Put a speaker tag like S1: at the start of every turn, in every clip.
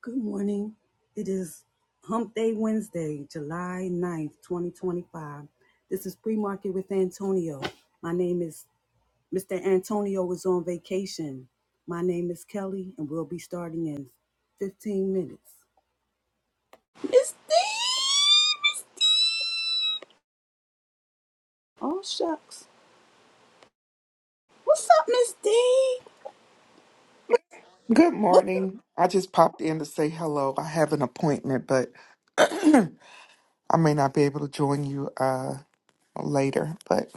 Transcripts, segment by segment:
S1: Good morning. It is Hump Day Wednesday, July ninth, 2025. This is Pre Market with Antonio. My name is Mr. Antonio is on vacation. My name is Kelly, and we'll be starting in 15 minutes. Miss D! Miss D! Oh, shucks. What's up, Miss D?
S2: Good
S1: What's up?
S2: morning. I just popped in to say hello. I have an appointment, but I may not be able to join you uh later, but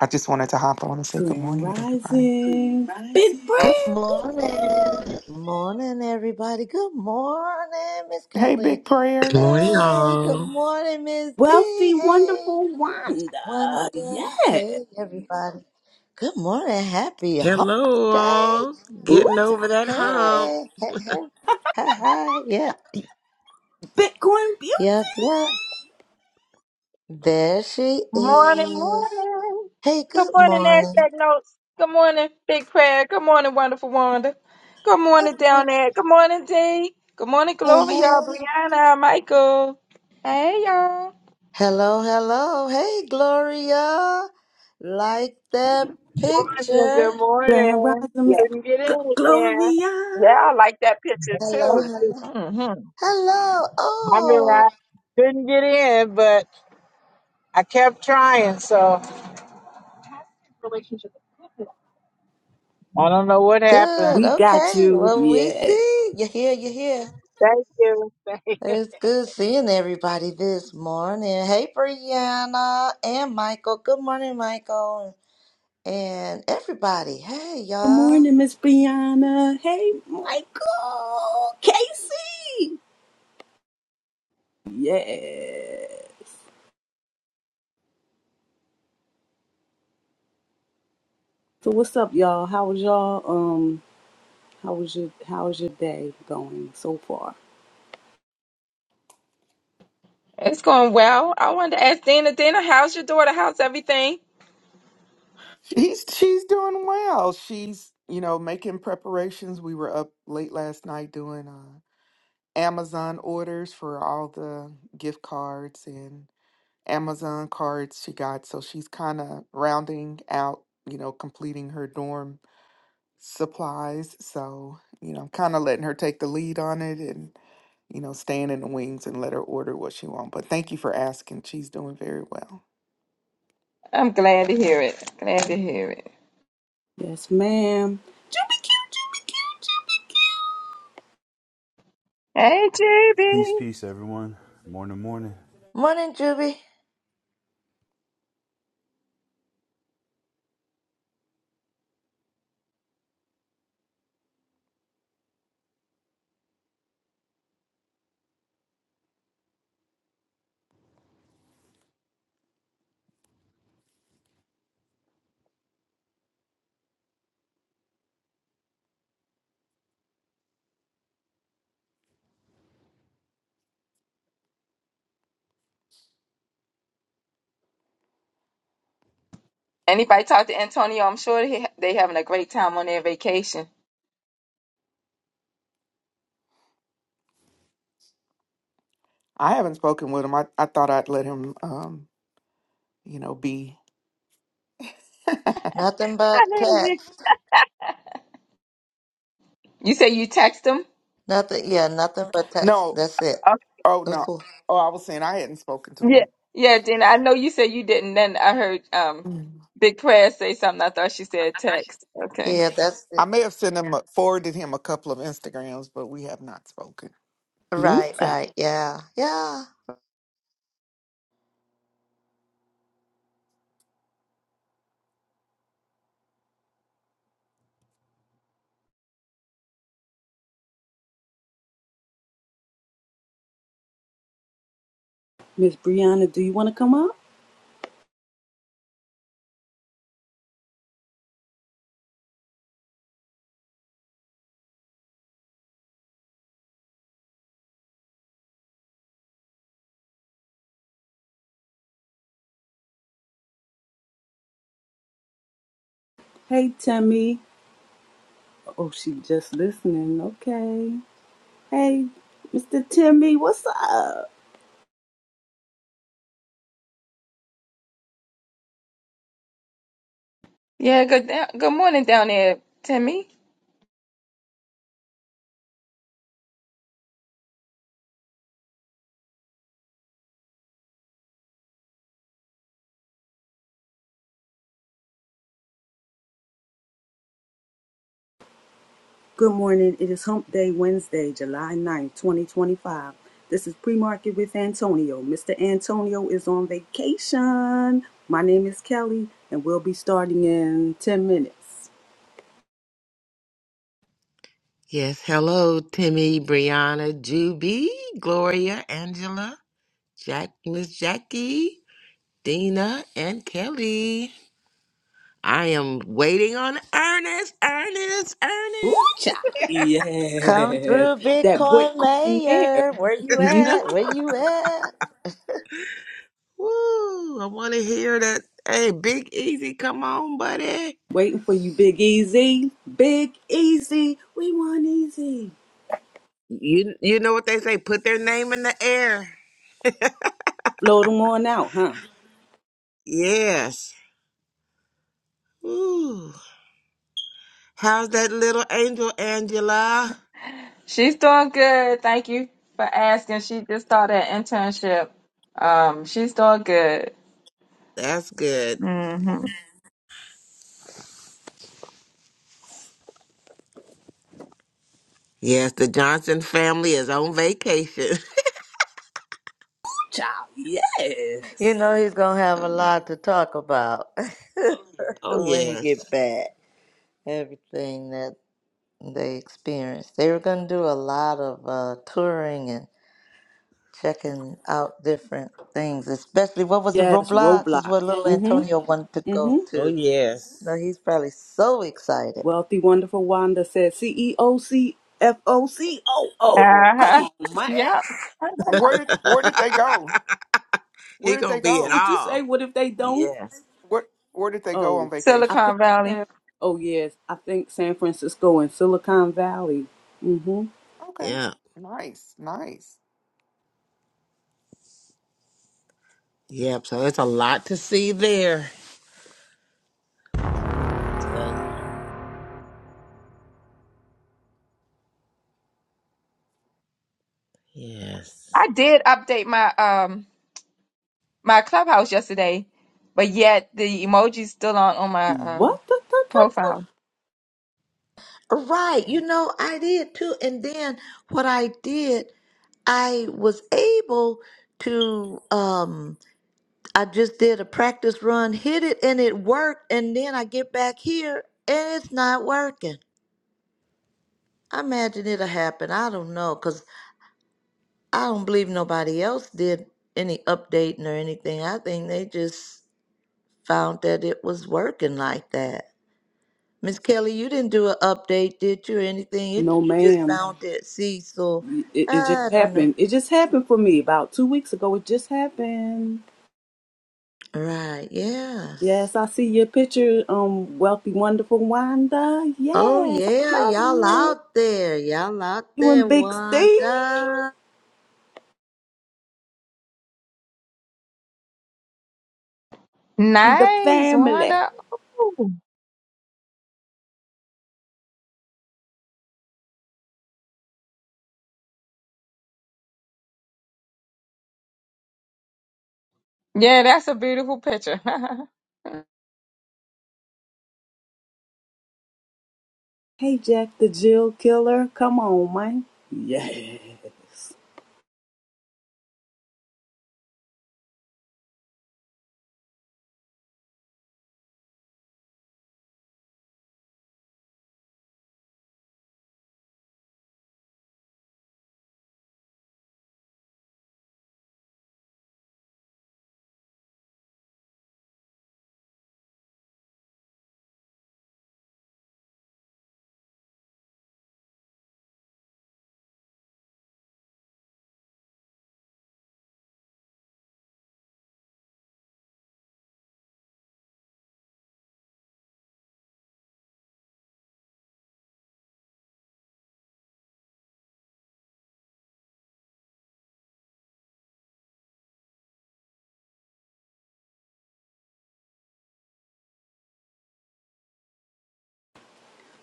S2: I just wanted to hop on and say good
S1: Grand
S2: morning to
S1: Rising?
S2: everybody.
S1: Big prayer,
S3: Good
S1: big prayer.
S3: morning. Morning, everybody. Good morning, Miss
S2: Hey,
S3: Kelly.
S2: Big Prayer.
S4: Good morning,
S3: Hey, good
S4: all.
S3: morning, Miss D.
S1: Wealthy,
S3: Hey,
S1: wonderful Wanda.
S3: Wanda.
S1: Yeah.
S3: Hey, everybody. Good morning. Happy hump
S4: Hello,
S3: day.
S4: all.
S1: Ooh.
S4: Getting over that hump.
S3: Hey, hey, hey. Hi, hi. Yeah,
S1: Bitcoin Beauty.
S3: yep, yep. There she
S5: Morning,
S3: is.
S5: morning.
S3: Hey,
S5: Good
S3: good
S5: morning,
S3: morning.
S5: Nasdaq Notes. Good morning, Big Prayer. Good morning, Wonderful Wanda. Good
S3: Good
S5: morning, down
S3: morning.
S5: there. Good morning, D. Good morning,
S3: Hey,
S5: Gloria,
S3: hey.
S5: Brianna, Michael. Hey, y'all.
S3: Hello, hello. Hey, Gloria. Like that
S6: morning. Good
S3: picture.
S1: Grand
S6: morning.
S1: Rising
S5: Yeah,
S1: Miss
S6: Couldn't get
S1: G-
S6: in again.
S1: Gloria.
S5: yeah, I like that picture
S3: Hello,
S6: Thank
S5: too.
S6: you.
S3: hello.
S5: Mm-hmm.
S3: Hello.
S6: I mean,
S3: Oh,
S6: I couldn't get in, but I kept trying, so I don't know what happened.
S3: good.
S1: We got
S3: Okay.
S1: you.
S3: Well, we
S1: Yeah.
S3: see. you here. you here.
S6: Thank you. Thank you.
S3: It's good seeing everybody this morning. Hey, Brianna and Michael. Good morning, Michael. And everybody. Hey,
S1: Good
S3: y'all.
S1: morning, Miss Brianna. Hey, Michael. Casey. Yeah. So what's up, y'all? How was y'all? Um, how was your how was your day going so far?
S5: It's going well. I wanted to ask Dina, Dina, how's your daughter? How's everything?
S2: She's she's doing well. She's, you know, making preparations. We were up late last night doing uh Amazon orders for all the gift cards and Amazon cards she got. So she's kind of rounding out, you know, completing her dorm supplies. So, you know, I'm kind of letting her take the lead on it and, you know, staying in the wings and let her order what she wants. But thank you for asking. She's doing very well.
S5: I'm glad to hear it. Glad to hear it.
S1: Yes, ma'am. Juby cute, Juby cute, Juby
S5: Hey,
S7: Peace,
S5: GB.
S7: peace, everyone. Morning, morning.
S3: Morning, Juby.
S5: Anybody talk to Antonio? I'm sure he, they having a great time on their vacation.
S2: I haven't spoken with him. I, I thought I'd let him, um, you know, be.
S3: Nothing but text.
S5: You say you text him?
S3: Nothing. Yeah, nothing but text.
S2: No.
S3: That's it.
S5: Okay.
S2: Oh,
S3: That's
S2: no.
S3: all.
S2: Oh, I was saying I hadn't spoken to
S5: Yeah.
S2: him.
S5: Yeah, Then I know you said you didn't. Then I heard um
S2: Mm.
S5: Big Prayer say something. I thought she said text. Okay.
S3: Yeah, that's it.
S2: I may have sent him a, forwarded him a couple of Instagrams, but we have not spoken.
S1: cute. Ooh,
S3: Right,
S1: child.
S3: right. Yeah, yeah.
S1: Miss Brianna, do you want to come up? Hey, Timmy. Oh, she just listening. Okay. Hey, Mr. Timmy, what's up?
S5: Yeah, good da- good morning down there, Timmy.
S1: Good morning. It is Hump Day Wednesday, July ninth, 2025. This is pre market with Antonio. Mr. Antonio is on vacation. My name is Kelly, and we'll be starting in 10 minutes.
S4: Yes, hello, Timmy, Brianna, Juby, Gloria, Angela, Jack, Miss Jackie, Dina, and Kelly. I am waiting on Ernest, Ernest,
S1: Ooh,
S4: Ernest.
S1: child.
S3: Come
S1: Yes,
S3: through,
S1: that
S3: Bitcoin
S1: Bitcoin mayor.
S3: Mayor. Where you at? Where you at?
S4: Woo! I want to hear that. Hey, Big Easy, come on, buddy.
S1: Waiting for you, Big Easy. Big Easy. We want easy.
S4: You you know what they say? Put their name in the air.
S1: Blow them on out, huh? Ooh,
S4: Yes. Woo! How's that little angel, Angela?
S5: She's doing good. Thank you for asking. She just started an internship. Um, she's doing good.
S4: That's good.
S5: Mm-hmm.
S4: Yes, the Johnson family is on vacation.
S1: child.
S3: You
S1: Yes.
S3: know he's gonna have a
S4: oh
S3: lot to talk about
S4: oh
S3: when he get
S4: yes.
S3: back. Everything that they experienced. They were gonna do a lot of uh, touring and checking out different things. Especially what was it?
S1: Yes,
S3: Roblox is
S1: Roblox.
S3: what little
S1: Mm-hmm.
S3: Antonio wanted to
S1: Mm-hmm.
S3: go
S4: Oh
S3: to. No,
S4: yes.
S3: he's probably so excited.
S1: Wealthy, wonderful Wanda says C E O C F O C O O.
S5: Uh-huh.
S1: Come on, man.
S5: Yeah.
S2: Where did where did they go? Where
S4: he
S2: did they
S4: gonna be at
S2: go?
S1: What you say?
S4: all.
S1: What if they don't?
S4: Yes.
S2: What where did they go on
S1: Oh, I
S2: vacation?
S1: think
S5: Silicon Valley.
S1: San oh yes, I think San Francisco and Silicon Valley. Mm-hmm.
S2: Okay.
S4: Yep.
S2: Nice, nice.
S4: Yep. So it's a lot to see there. Tell ya. Yes.
S5: I did update my um my clubhouse yesterday, but yet the emoji's still on on my um
S1: What the, the, the,
S5: profile.
S1: the?
S3: Right. You know, I did too. And then what I did. I was able to um I just did a practice run, hit it and it worked and then I get back here and it's not working. I imagine it'll happen. I don't know cuz I don't believe nobody else did any updating or anything. I think they just found that it was working like that. Miss Kelly, you didn't do an update, did you? Or anything? It,
S1: No
S3: you just
S1: ma'am.
S3: found it. See, so
S1: It, it just
S3: I don't know.
S1: happened. It just happened for me about two weeks ago. It just happened.
S3: Right. Yes.
S1: Yes, I see your picture, um, wealthy, wonderful Wanda.
S3: Oh
S1: Yes, I
S3: yeah,
S1: love
S3: y'all
S1: it.
S3: out there. Y'all out
S1: doing
S3: there,
S1: big Steve
S3: Wanda.
S1: and the
S5: Nice,
S1: family.
S5: Wanda. Ooh. Yeah, that's a beautiful picture.
S1: Hey, Jack the Jill Killer. Come on, man. Yes.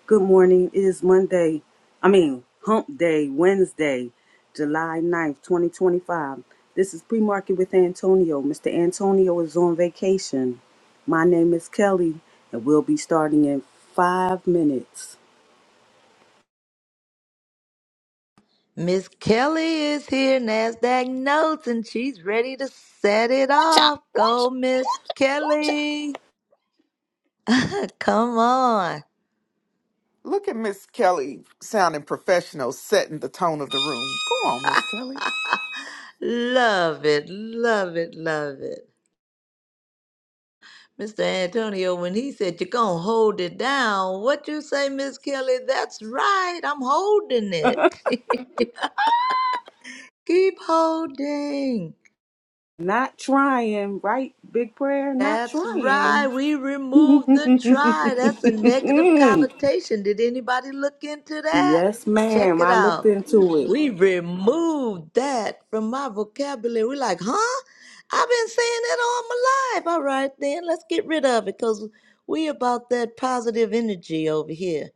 S1: Good morning. It is Monday. I mean, hump day, Wednesday, July ninth, 2025. This is pre market with Antonio. Mr. Antonio is on vacation. My name is Kelly, and we'll be starting in five minutes.
S3: Miss Kelly is here, NASDAQ notes, and she's ready to set it off. Go, Miss Kelly. Come on.
S2: Look at Miss Kelly sounding professional, setting the tone of the room. Go on, Miss Kelly.
S3: Love it, love it, love it. Mr. Antonio, when he said you're gonna hold it down, what you say, Miss Kelly? That's right, I'm holding it. Keep holding.
S1: Not trying, right? Big prayer, not
S3: That's right.
S1: trying.
S3: We removed the try. That's a negative connotation. Did anybody look into that?
S1: Yes,
S3: Check
S1: ma'am.
S3: it
S1: I looked
S3: out.
S1: into it.
S3: We removed that from my vocabulary. We're like, huh? I've been saying that all my life. All right, then let's get rid of it because we about that positive energy over here.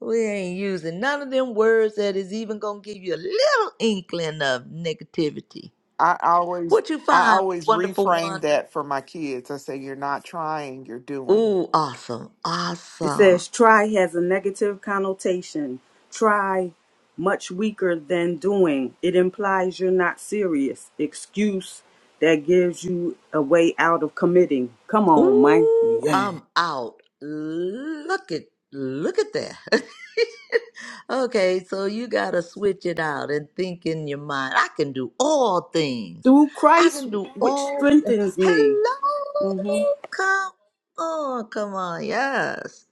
S3: We ain't using none of them words that is even going to give you a little inkling of negativity.
S2: I always
S3: What you
S2: I
S3: find,
S2: always
S3: wonderful
S2: reframe
S3: Wanda?
S2: that for my kids. I say, You're not trying, you're doing.
S3: Ooh, awesome.
S1: It
S3: Awesome.
S1: says try has a negative connotation. Try much weaker than doing. It implies you're not serious. Excuse that gives you a way out of committing. Come on, man.
S3: Ooh,
S1: Yeah.
S3: I'm out. Look at look at that. okay, so you gotta switch it out and think in your mind. I can do all things.
S1: Through
S3: I
S1: Christ,
S3: can do
S1: which
S3: all th-
S1: strengthens me. hmm
S3: Hello. Come on, come on, yes.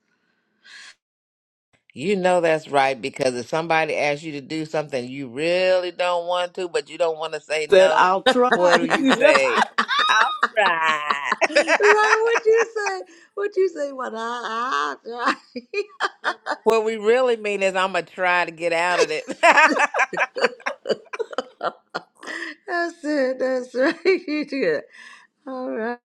S4: You know that's right because if somebody asks you to do something you really don't want to, but you don't want to say
S1: Said
S4: no,
S1: I'll try.
S4: what do you say? I'll try.
S3: Right, what you say? What you say? What I, I,
S4: What we really mean is I'm gonna try to get out of it.
S3: I said that's right. You did. All right.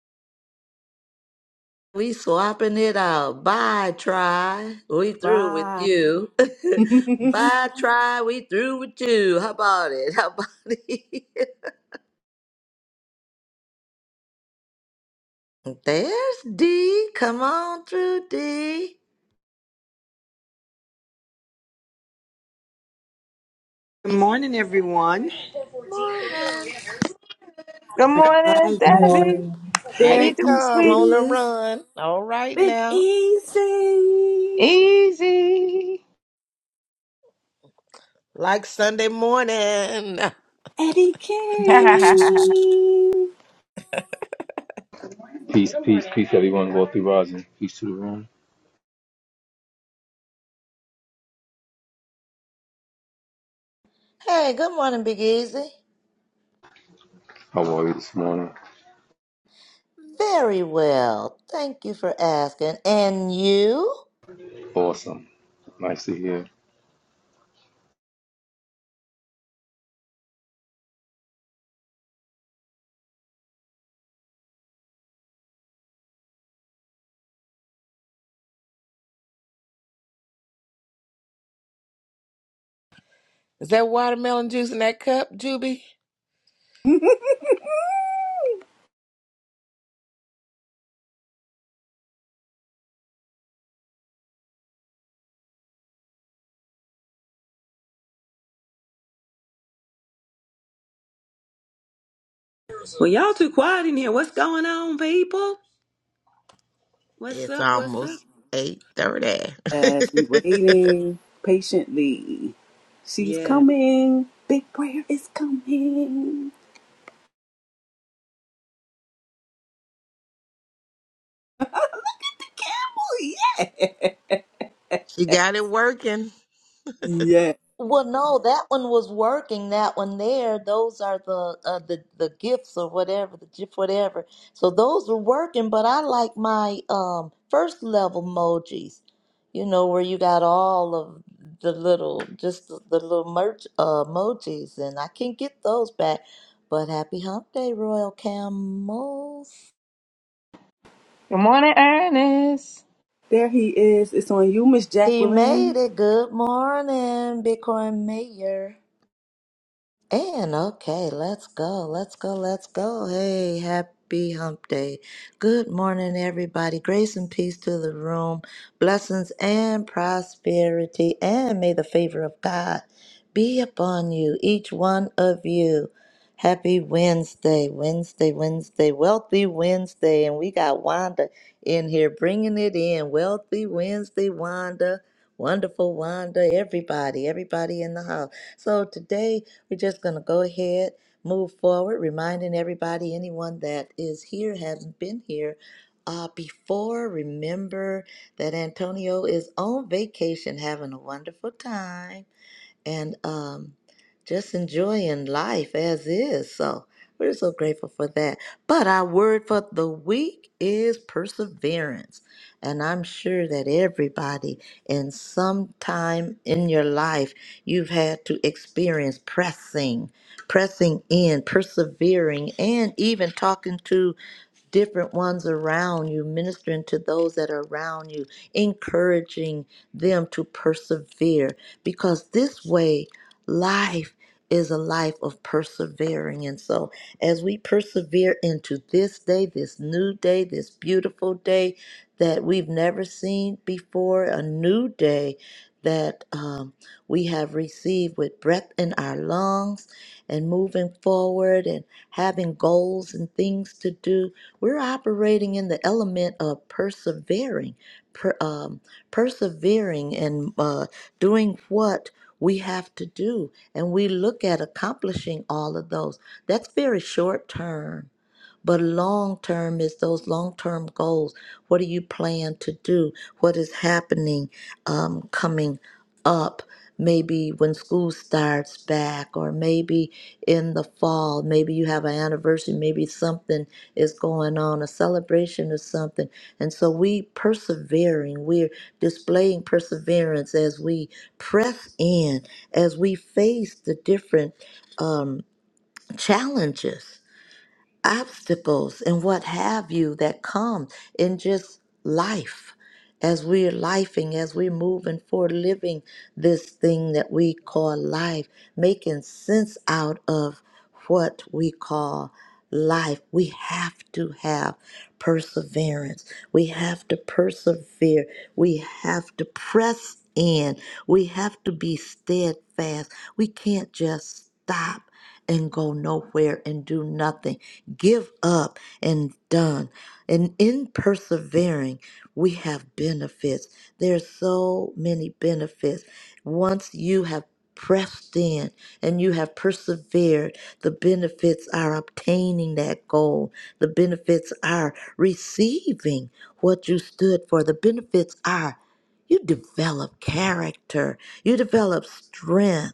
S3: We swapping it out. Bye, try. We through with
S1: Bye.
S3: you. Bye, try. We through with you. How about it? How about it? There's D. Come on through, D.
S8: Good morning, everyone.
S3: Morning.
S5: Good
S1: Bye,
S5: morning,
S6: Good
S5: Debbie.
S6: morning.
S1: Rising.
S5: How
S4: Here they
S5: you
S1: There
S5: doing,
S1: he
S4: come on
S5: sweetie?
S4: the
S1: is.
S4: run. All right
S1: Big
S4: now.
S1: Easy.
S5: Easy.
S4: Like Sunday morning.
S1: Eddie
S5: good
S1: King.
S9: Peace, peace, peace, everyone. Wealthy rising. Peace to the room.
S3: Hey, good morning, Big Easy.
S9: How are you this morning?
S3: Very well. Thank you for asking. And you?
S9: Awesome. Nice to hear.
S4: Is that watermelon juice in that cup, Juby?
S8: Well, y'all too quiet in here. What's going on, people? What's
S4: It's
S8: up? What's up?
S4: almost
S1: as we
S4: 8.30.
S1: waiting patiently. She's
S8: Yeah.
S1: coming. Big prayer is coming. Get The Campbell, yeah.
S4: she got it working.
S1: Yeah.
S3: Well, no, that one was working. That one there, those are the uh, the the gifts or whatever, the gift whatever. So those were working, but I like my um first level emojis. You know where you got all of the little, just the, the little merch uh, emojis, and I can get those back. But happy hump day, Royal Camels.
S5: morning, Ernest.
S1: There he is. It's on you, Miss
S3: He made
S1: Jacqueline.
S3: it. Good morning, Bitcoin Mayor. And okay, let's go, let's go, let's go. Hey, happy hump day. Good morning, everybody. Grace and peace to the room, blessings and prosperity, and may the favor of God be upon you, each one of you. Happy Wednesday, Wednesday, Wednesday, Wealthy Wednesday. And we got Wanda in here bringing it in. Wealthy Wednesday, Wanda. Wonderful Wanda, everybody, everybody in the house. So today, we're just going to go ahead, move forward, reminding everybody, anyone that is here, hasn't been here. Uh, before, remember that Antonio is on vacation having a wonderful time and um, just enjoying life as is. So we're so grateful for that. But our word for the week is perseverance. And I'm sure that everybody in some time in your life, you've had to experience pressing, pressing in, persevering, and even talking to different ones around you, ministering to those that are around you, encouraging them to persevere. Because this way, life is a life of persevering. And so, as we persevere into this day, this new day, this beautiful day that we've never seen before, a new day that um, we have received with breath in our lungs and moving forward and having goals and things to do. We're operating in the element of persevering, per, um, persevering and uh, doing what we have to do. And we look at accomplishing all of those. That's very short term but long term is those long term goals. What do you plan to do? What is happening um, coming up? Maybe when school starts back, or maybe in the fall, maybe you have an anniversary, maybe something is going on, a celebration or something. And so we persevering, we're displaying perseverance as we press in, as we face the different um, challenges obstacles and what have you that come in just life as we're lifing, as we're moving forward, living this thing that we call life, making sense out of what we call life. We have to have perseverance. We have to persevere. We have to press in. We have to be steadfast. We can't just stop and go nowhere and do nothing. Give up and done. And in persevering, we have benefits. There's so many benefits. Once you have pressed in and you have persevered, the benefits are obtaining that goal. The benefits are receiving what you stood for. The benefits are you develop character, you develop strength,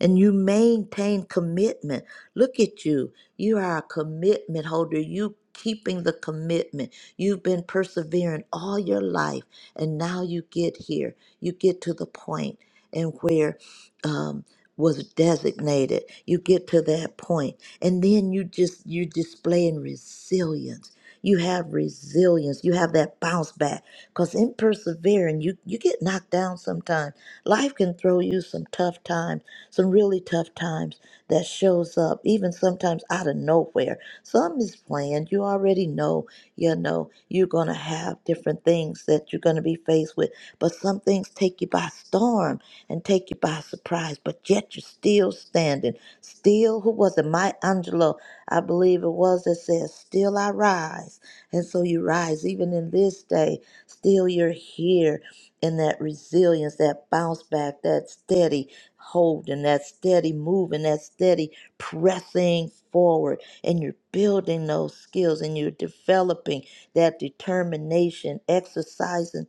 S3: and you maintain commitment. Look at you. You are a commitment holder. You keeping the commitment. You've been persevering all your life, and now you get here. You get to the point and where um, was designated. You get to that point, and then you just you're displaying resilience. You have resilience. You have that bounce back. Because in persevering, you, you get knocked down sometimes. Life can throw you some tough times, some really tough times that shows up, even sometimes out of nowhere. Some is planned. You already know, you know, you're going to have different things that you're going to be faced with. But some things take you by storm and take you by surprise. But yet you're still standing. Still, who was it? My Angelo I believe it was that says, Still I rise. And so you rise even in this day. Still you're here in that resilience, that bounce back, that steady holding, that steady moving, that steady pressing forward. And you're building those skills and you're developing that determination, exercising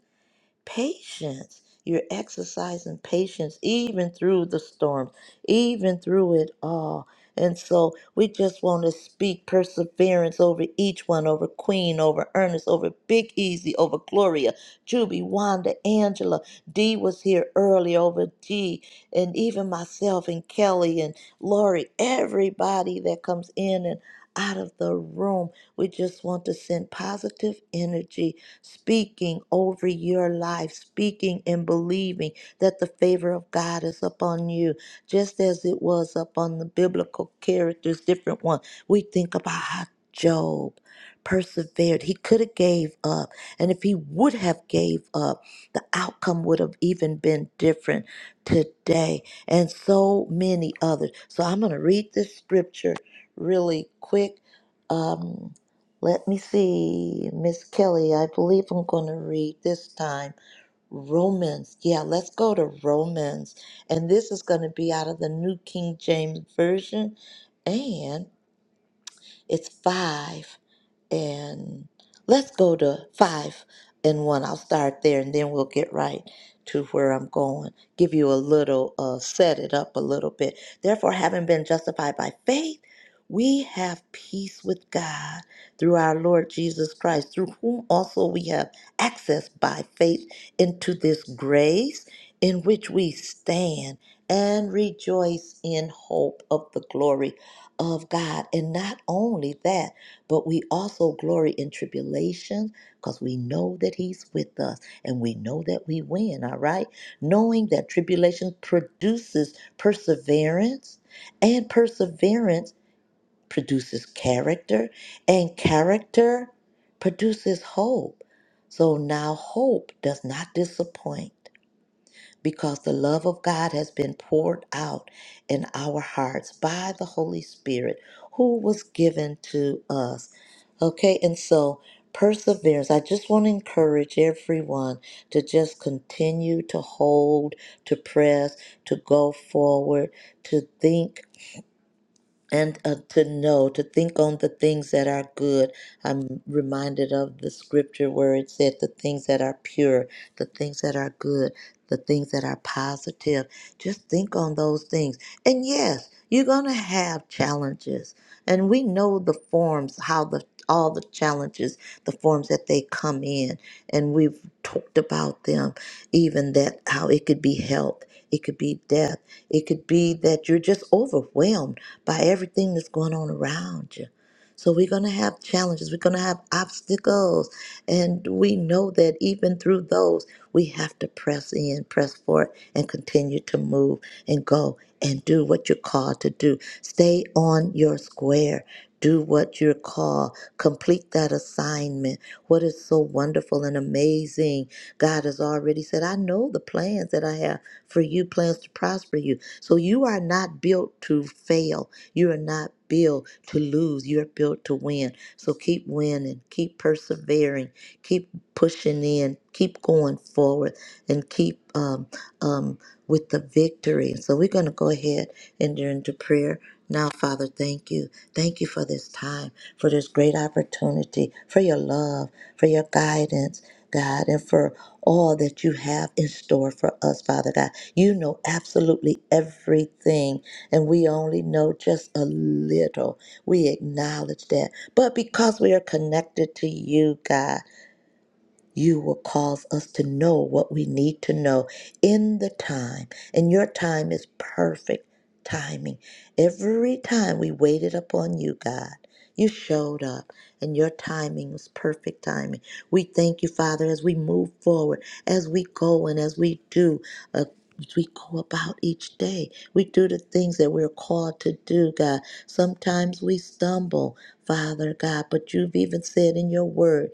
S3: patience. You're exercising patience even through the storms, even through it all. And so we just want to speak perseverance over each one, over Queen, over Ernest, over Big Easy, over Gloria, Juby, Wanda, Angela. Dee was here early over G, and even myself and Kelly and Lori, everybody that comes in and out of the room. We just want to send positive energy speaking over your life, speaking and believing that the favor of God is upon you, just as it was upon the biblical characters, different ones. We think about how Job persevered. He could have gave up. And if he would have gave up, the outcome would have even been different today. And so many others. So I'm going to read this scripture really quick. Um, let me see, Miss Kelly, I believe I'm going to read this time Romans. Yeah, let's go to Romans. And this is going to be out of the New King James Version, and it's 5 and let's go to five and one. I'll start there and then we'll get right to where I'm going. Give you a little, uh, set it up a little bit. Therefore, having been justified by faith, we have peace with God through our Lord Jesus Christ, through whom also we have access by faith into this grace in which we stand and rejoice in hope of the glory of God. And not only that, but we also glory in tribulation because we know that He's with us and we know that we win, all right? Knowing that tribulation produces perseverance, and perseverance produces character, and character produces hope. So now hope does not disappoint because the love of God has been poured out in our hearts by the Holy Spirit who was given to us. Okay, and so perseverance, I just want to encourage everyone to just continue to hold, to press, to go forward, to think and uh, to know, to think on the things that are good. I'm reminded of the scripture where it said, the things that are pure, the things that are good, the things that are positive. Just think on those things. And yes, you're going to have challenges. And we know the forms, how the all the challenges, the forms that they come in, and we've talked about them, even that how it could be health, it could be death, it could be that you're just overwhelmed by everything that's going on around you. So we're going to have challenges, we're going to have obstacles, and we know that even through those, we have to press in, press forward, and continue to move and go and do what you're called to do. Stay on your square. Do what you're called. Complete that assignment. What is so wonderful and amazing? God has already said, I know the plans that I have for you, plans to prosper you. So you are not built to fail. You are not built to lose, you're built to win. So keep winning, keep persevering, keep pushing in, keep going forward, and keep um, um, with the victory. So we're going to go ahead and enter into prayer. Now, Father, thank you. Thank you for this time, for this great opportunity, for your love, for your guidance, God, and for all that you have in store for us, Father God. You know absolutely everything and we only know just a little. We acknowledge that. But because we are connected to you, God, you will cause us to know what we need to know in the time. And your time is perfect timing. Every time we waited upon you, God, you showed up, and your timing was perfect timing. We thank you, Father, as we move forward, as we go, and as we do. Uh, as we go about each day. We do the things that we're called to do, God. Sometimes we stumble, Father God, but you've even said in your word,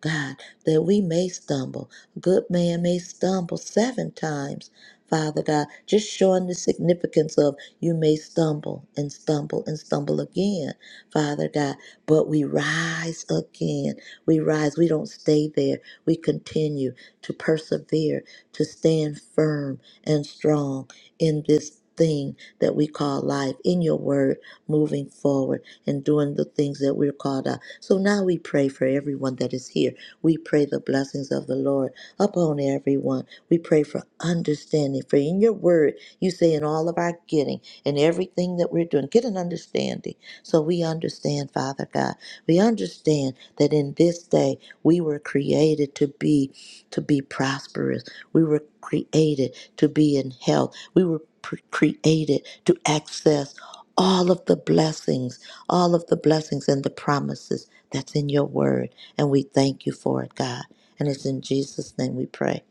S3: God that we may stumble. A good man may stumble seven times, Father God, just showing the significance of you may stumble and stumble and stumble again, Father God, but we rise again. We rise. We don't stay there. We continue to persevere, to stand firm and strong in this thing that we call life, in your word, moving forward and doing the things that we're called out. So now we pray for everyone that is here we pray the blessings of the Lord upon everyone. We pray for understanding. For in your word, you say in all of our getting and everything that we're doing, get an understanding. So we understand, Father God. We understand that in this day we were created to be to be prosperous we were created to be in health. We were pre- created to access all of the blessings, all of the blessings and the promises that's in your word. And we thank you for it, God. And it's in Jesus' name we pray.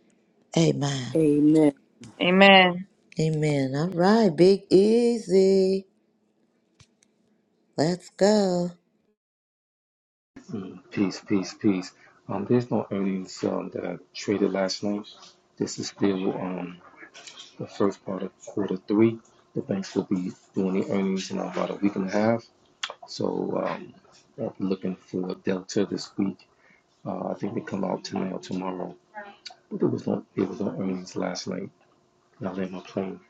S3: Amen.
S1: Amen.
S5: Amen.
S3: Amen. All right, Big Easy. Let's go.
S9: Mm. Peace, peace, peace. Um, there's no earnings um, that I traded last night. This is still um the first part of quarter three. The banks will be doing the earnings in about a week and a half. So um, I'll be looking for Delta this week. Uh, I think they come out tonight or tomorrow. But there was no there was no earnings last night. Not in my plane.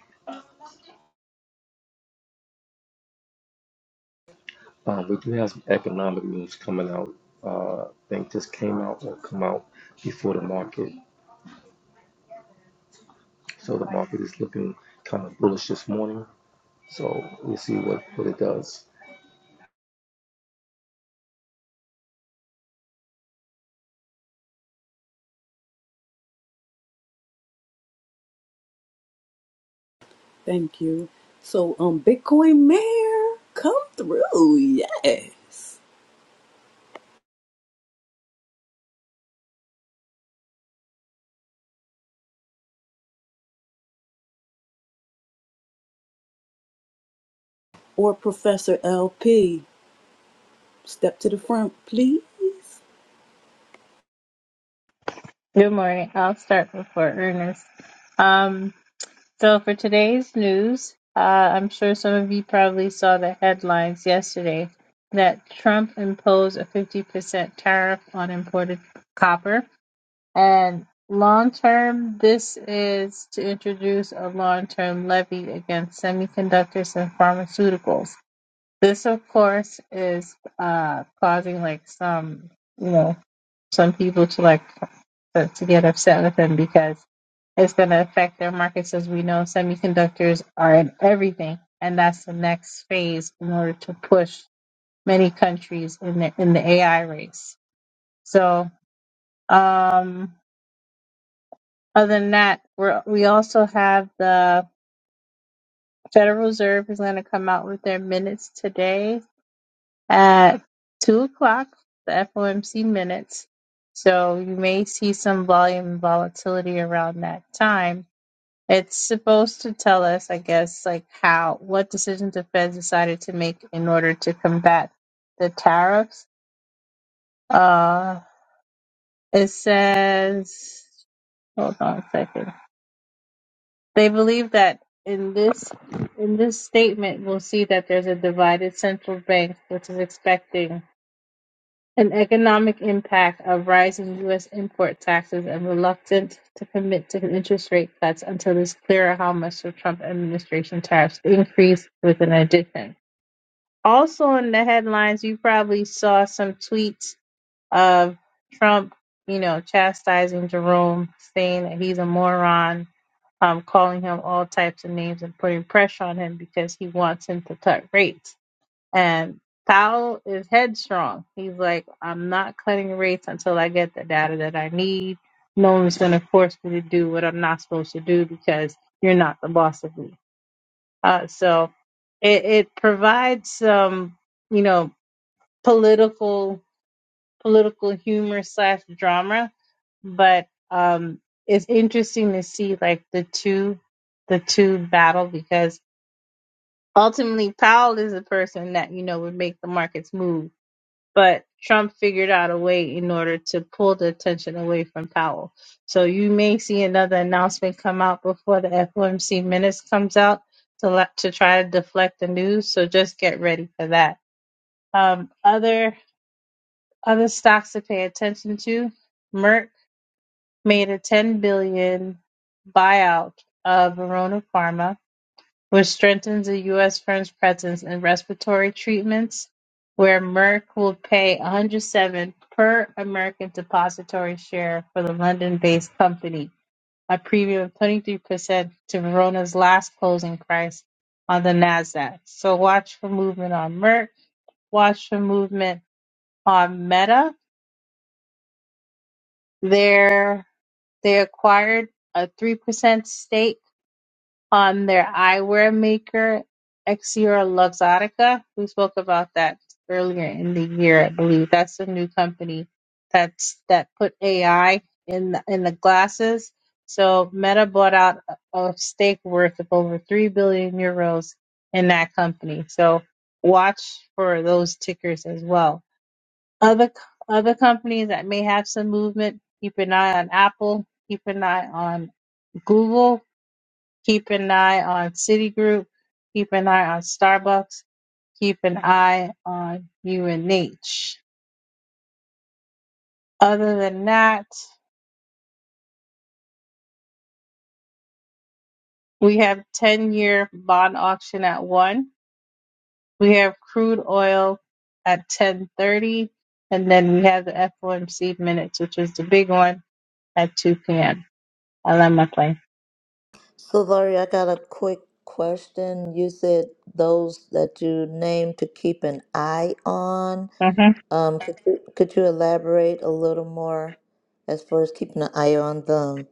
S9: Um, we do have some economic news coming out. Uh, I think just came out or come out before the market. So the market is looking kind of bullish this morning. So we'll see what, what it does.
S1: Thank you. So, um, Bitcoin Mayor, come through. Yes. Or Professor LP, step to the front, please.
S10: Good morning. I'll start before Ernest. Um, so for today's news, uh, I'm sure some of you probably saw the headlines yesterday that Trump imposed a 50% tariff on imported copper. And long term, this is to introduce a long term levy against semiconductors and pharmaceuticals. This, of course, is uh, causing like some, you know, some people to like to to get upset with him because it's going to affect their markets. As we know, semiconductors are in everything, and that's the next phase in order to push many countries in the in the AI race. So, um, other than that, we're, we also have the Federal Reserve is going to come out with their minutes today at two o'clock, the FOMC minutes. So you may see some volume and volatility around that time It's supposed to tell us, I guess, like how what decisions the Fed decided to make in order to combat the tariffs. Uh, it says, hold on a second. They believe that in this in this statement, we'll see that there's a divided central bank, which is expecting An economic impact of rising U.S. import taxes and reluctant to commit to interest rate cuts until it's clearer how much the Trump administration tariffs increase with an addition. Also in the headlines, you probably saw some tweets of Trump, you know, chastising Jerome, saying that he's a moron, um, calling him all types of names and putting pressure on him because he wants him to cut rates and Thao is headstrong. He's like, I'm not cutting rates until I get the data that I need. No one's going to force me to do what I'm not supposed to do because you're not the boss of me. Uh, so it, it provides some, you know, political political humor slash drama, but um, it's interesting to see like the two the two battle because ultimately Powell is the person that you know would make the markets move but Trump figured out a way in order to pull the attention away from Powell. So you may see another announcement come out before the FOMC minutes comes out to let, to try to deflect the news. So just get ready for that. Um, other other stocks to pay attention to: Merck made a 10 billion buyout of Verona Pharma which strengthens the U.S. firm's presence in respiratory treatments, where Merck will pay 107 per American depository share for the London-based company, a premium of 23% to Verona's last closing price on the Nasdaq. So watch for movement on Merck. Watch for movement on Meta. They're, they acquired a 3% stake on their eyewear maker, Exior Luxottica. We spoke about that earlier in the year, I believe. That's a new company that's that put AI in the, in the glasses. So Meta bought out a a stake worth of over three billion euros in that company. So watch for those tickers as well. Other c- other companies that may have some movement. Keep an eye on Apple. Keep an eye on Google Keep an eye on Citigroup. Keep an eye on Starbucks. Keep an eye on UNH. Other than that, we have 10 year bond auction at 1. We have crude oil at 1030. And then we have the FOMC minutes, which is the big one at 2 p.m. I love my plane.
S3: So, Lori, I got a quick question. You said those that you named to keep an eye on.
S10: Mm-hmm.
S3: Um, could you, could you elaborate a little more as far as keeping an eye on them?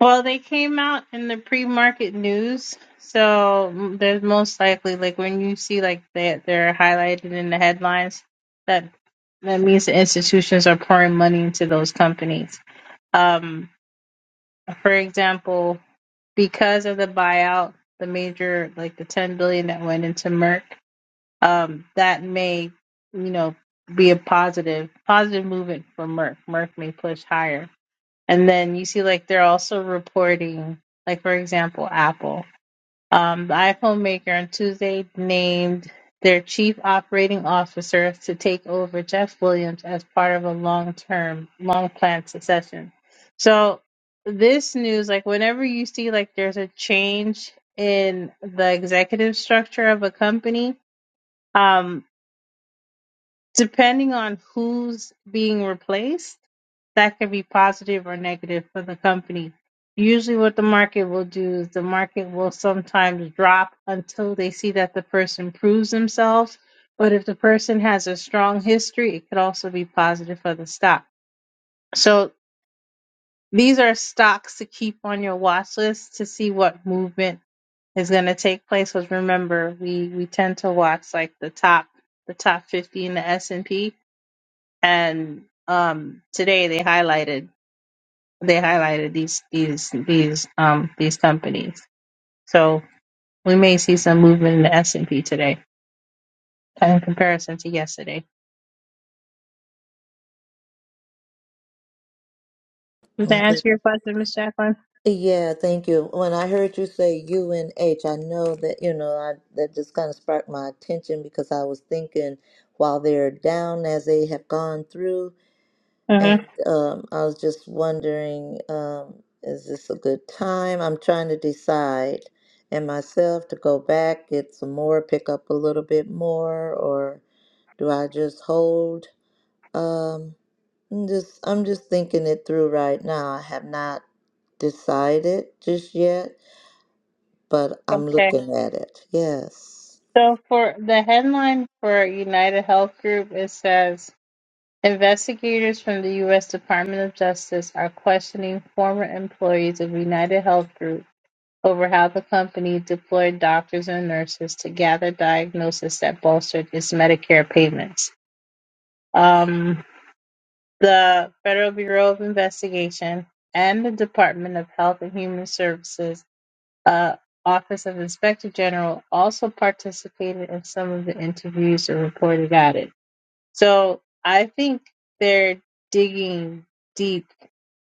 S10: Well, they came out in the pre-market news, so mm, there's most likely like when you see like that they're highlighted in the headlines, that that means the institutions are pouring money into those companies. Um, for example, because of the buyout, the major like the 10 billion that went into Merck, um, that may you know be a positive positive movement for Merck. Merck may push higher and then you see like they're also reporting, like for example, Apple. Um, the iPhone maker on Tuesday named their chief operating officer to take over Jeff Williams as part of a long term, long planned succession. So this news, like whenever you see like there's a change in the executive structure of a company, um, depending on who's being replaced that could be positive or negative for the company. Usually, what the market will do is the market will sometimes drop until they see that the person proves themselves. But if the person has a strong history, it could also be positive for the stock. So, these are stocks to keep on your watch list to see what movement is going to take place. Because remember, we, we tend to watch like the top the top 50 in the S&P and P. And um, today they highlighted they highlighted these these these um these companies. So we may see some movement in the S and P today in comparison to yesterday. Does that
S3: Okay.
S10: answer your question, Miss Jacqueline?
S3: Yeah, thank you. When I heard you say UNH, I know that, you know, I, that just kind of sparked my attention because I was thinking while they're down as they have gone through,
S10: hmm
S3: and um, I was just wondering, um, is this a good time? I'm trying to decide and myself to go back, get some more, pick up a little bit more, or do I just hold? Um, I'm just I'm just thinking it through right now. I have not decided just yet, but I'm
S10: Okay.
S3: looking at it. Yes.
S10: So for the headline for United Health Group, it says investigators from the U.S. Department of Justice are questioning former employees of United Health Group over how the company deployed doctors and nurses to gather diagnoses that bolstered its Medicare payments. Um, the Federal Bureau of Investigation, and the Department of Health and Human Services uh, Office of Inspector General also participated in some of the interviews and reported at it. So I think they're digging deep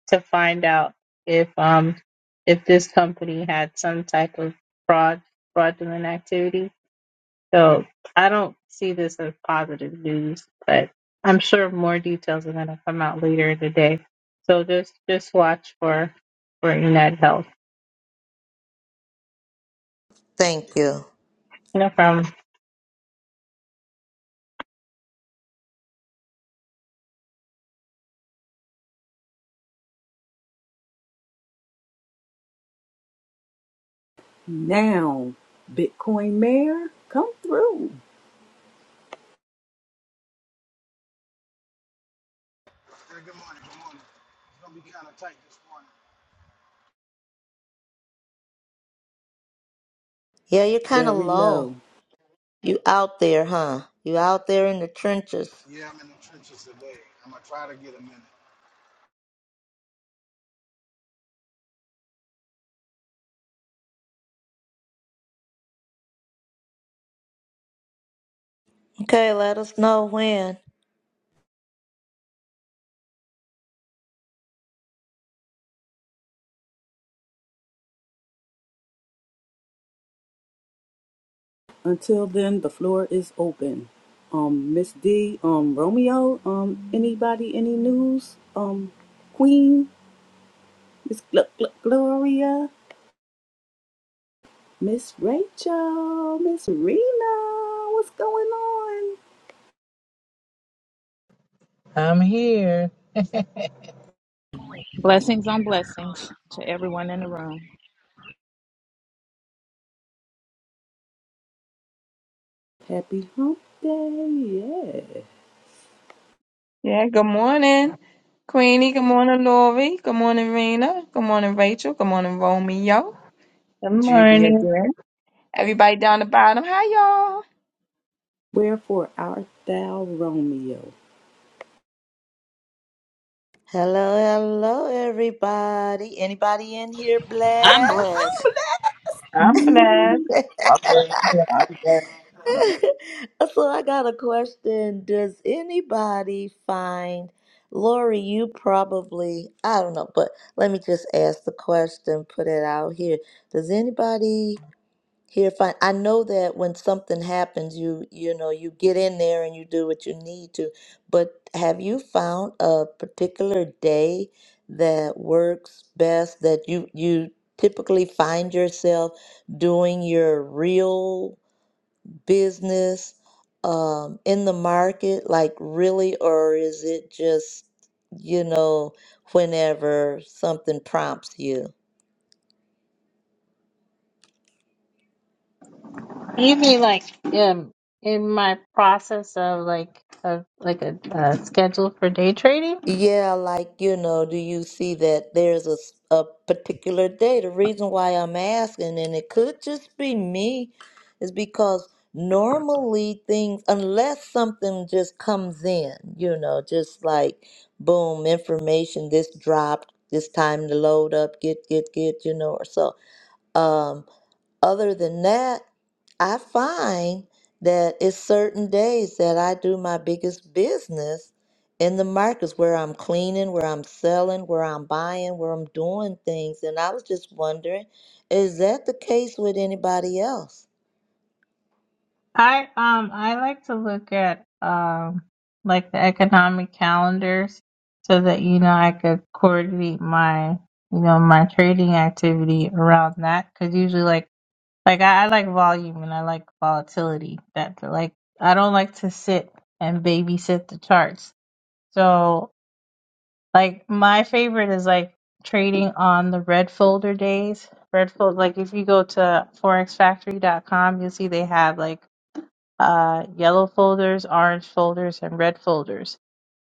S10: to find out if um if this company had some type of fraud fraudulent activity so I don't see this as positive news, but I'm sure more details are going to come out later in the day. So just just watch for for United Health.
S3: Thank you.
S10: You know, from
S1: Now, Bitcoin Mayor, come through.
S11: Yeah, good morning. Good morning. It's gonna be kind of tight this morning.
S3: Yeah, you're kind of
S1: Very low.
S3: low. You out there, huh? You out there in the trenches.
S11: Yeah, I'm in the trenches today. I'm gonna try to get a minute.
S3: Okay, let us know when.
S1: Until then, the floor is open. Um, Miss D, um, Romeo, um, anybody, any news? Um, Queen, Miss Gl- Gl- Gloria, Miss Rachel, Miss Rena, what's going on?
S6: I'm here.
S12: Blessings on blessings to everyone in the room.
S1: Happy Hump Day, yeah.
S5: Yeah, good morning, Queenie. Good morning, Lori. Good morning, Rena. Good morning, Rachel. Good morning, Romeo.
S10: the
S5: GB
S10: morning.
S5: again. Everybody down the bottom. Hi, y'all.
S1: Wherefore art thou, Romeo?
S3: Hello, hello, everybody. Anybody in here
S12: I'm blessed.
S3: blessed?
S5: I'm blessed.
S13: I'm good. I'm good.
S3: So I got a question. Does anybody find, Lori, you probably, I don't know, but let me just ask the question, put it out here. Does anybody here find, I know that when something happens, you, you know, you get in there and you do what you need to, but have you found a particular day that works best that you, you typically find yourself doing your real business um, in the market, like really, or is it just, you know, whenever something prompts you?
S10: Usually, like um, in my process of like of like a, uh schedule for day trading.
S3: Yeah, like, you know, do you see that there's a, s- a particular day? The reason why I'm asking, and it could just be me, is because normally things, unless something just comes in, you know, just like boom, information, this dropped, this time to load up, get, get, get, you know, or so. Um, other than that, I find that it's certain days that I do my biggest business in the markets where I'm cleaning, where I'm selling, where I'm buying, where I'm doing things. And I was just wondering, is that the case with anybody else?
S10: I um I like to look at um like the economic calendars so that you know I could coordinate my you know my trading activity around that because usually like like I, I like volume and I like volatility that like I don't like to sit and babysit the charts so like my favorite is like trading on the red folder days red fold like if you go to forexfactory.com you'll see they have like uh, yellow folders, orange folders, and red folders.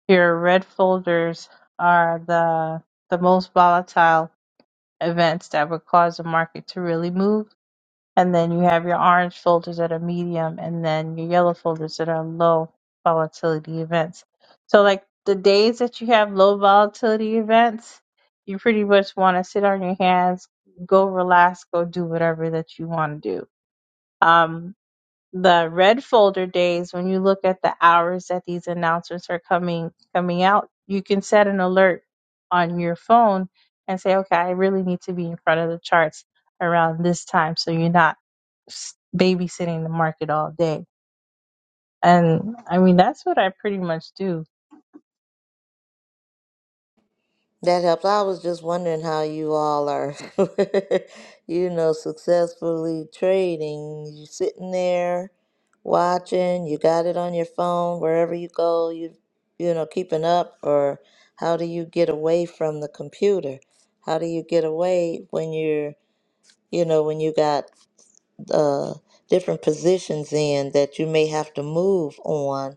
S10: Your red folders are the the most volatile events that would cause the market to really move. And then you have your orange folders that are medium, and then your yellow folders that are low volatility events. So, like the days that you have low volatility events, you pretty much want to sit on your hands, go relax, go do whatever that you want to do. Um, the red folder days when you look at the hours that these announcements are coming coming out you can set an alert on your phone and say okay i really need to be in front of the charts around this time so you're not s- babysitting the market all day and i mean that's what i pretty much do
S3: That helps. I was just wondering how you all are, you know, successfully trading. You're sitting there watching, you got it on your phone, wherever you go, you you know, keeping up, or how do you get away from the computer? How do you get away when you're, you know, when you got uh, different positions in that you may have to move on,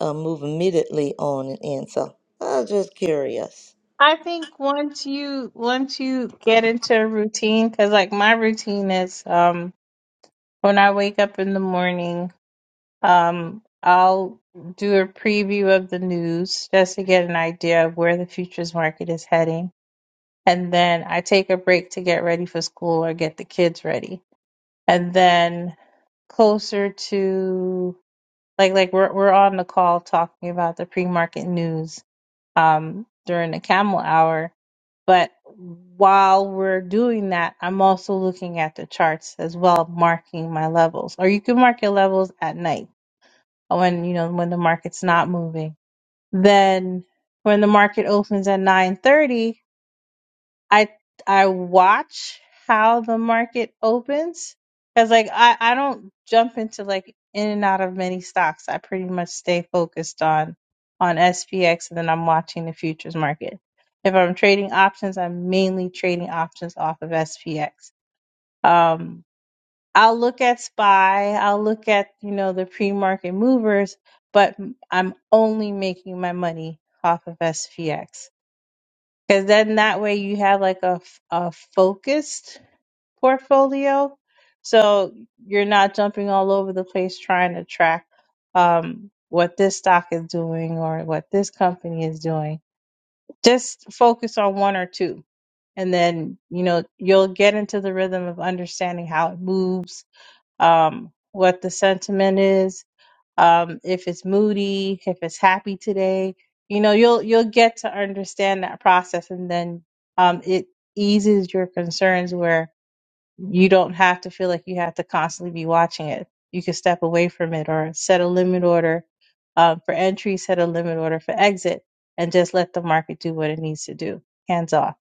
S3: uh, move immediately on and in? So I was just curious.
S10: i think once you once you get into a routine because like my routine is um when i wake up in the morning Um, I'll do a preview of the news just to get an idea of where the futures market is heading. And then I take a break to get ready for school or get the kids ready. And then closer to like like we're we're on the call talking about the pre-market news um during the camel hour. But while we're doing that, I'm also looking at the charts as well, marking my levels. Or you can mark your levels at night when you know when the market's not moving. Then when the market opens at 9:30, I I watch how the market opens cuz like I I don't jump into like in and out of many stocks. I pretty much stay focused on on SPX and then I'm watching the futures market. If I'm trading options, I'm mainly trading options off of SPX. Um I'll look at Spy, I'll look at, you know, the pre-market movers, but I'm only making my money off of SPX. Because then that way you have like a, f- a focused portfolio. So you're not jumping all over the place trying to track um, what this stock is doing or what this company is doing. Just focus on one or two. And then, you know, you'll get into the rhythm of understanding how it moves um, what the sentiment is, um, if it's moody, if it's happy today. You know, you'll you'll get to understand that process, and then um, it eases your concerns where you don't have to feel like you have to constantly be watching it. You can step away from it or set a limit order um, for entry, set a limit order for exit, and just let the market do what it needs to do. Hands off.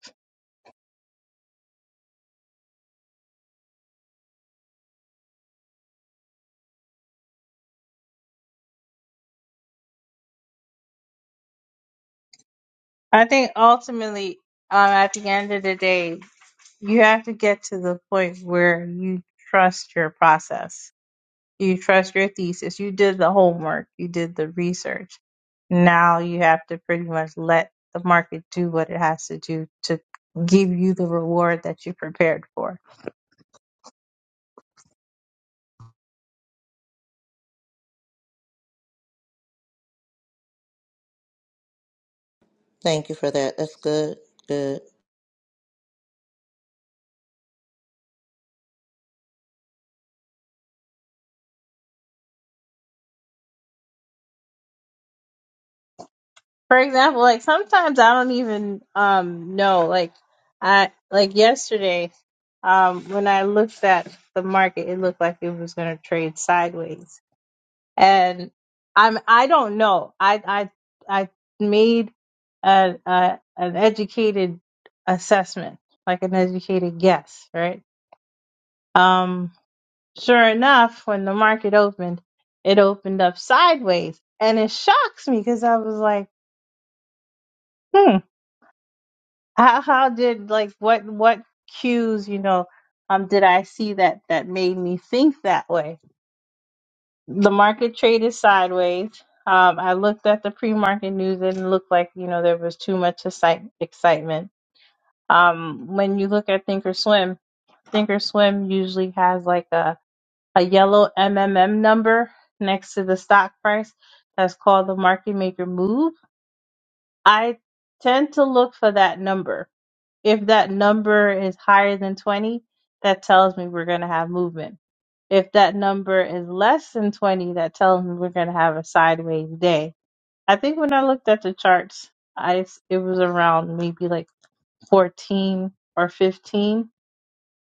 S10: I think ultimately, um, at the end of the day. you have to get to the point where you trust your process. You trust your thesis. You did the homework. You did the research. Now you have to pretty much let the market do what it has to do to give you the reward that you prepared for.
S3: Thank you for that. That's good. Good.
S10: For example, like sometimes I don't even um know like I like yesterday um when I looked at the market it looked like it was going to trade sideways and I'm I don't know. I I I made a, a an educated assessment, like an educated guess, right? Um, sure enough, when the market opened, it opened up sideways, and it shocks me because I was like, hmm, how how did like what what cues you know um did I see that that made me think that way? the market traded sideways. Um, I looked at the pre-market news and it looked like you know there was too much excite- excitement. Um, when you look at Thinkorswim, Thinkorswim usually has like a a yellow MMM number next to the stock price. That's called the market maker move. I tend to look for that number if that number is higher than 20, that tells me we're going to have movement. If that number is less than 20, that tells me we're going to have a sideways day. I think when I looked at the charts, I s- it was around maybe like 14 or 15.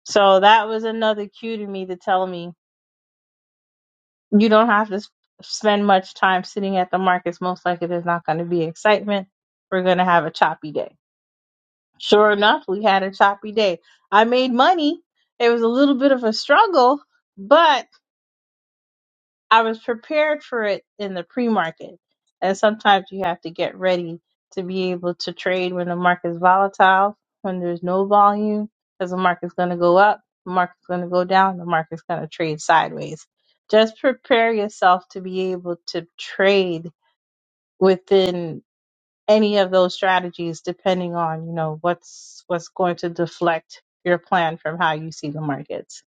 S10: So that was another cue to me to tell me you don't have to s- spend much time sitting at the markets. Most likely, there's not going to be excitement. We're going to have a choppy day. Sure enough, we had a choppy day. I made money. It was a little bit of a struggle, but I was prepared for it in the pre market. And sometimes you have to get ready to be able to trade when the market's volatile, when there's no volume, because the market's going to go up, the market's going to go down, the market's going to trade sideways. Just prepare yourself to be able to trade within any of those strategies depending on you know what's what's going to deflect your plan from how you see the markets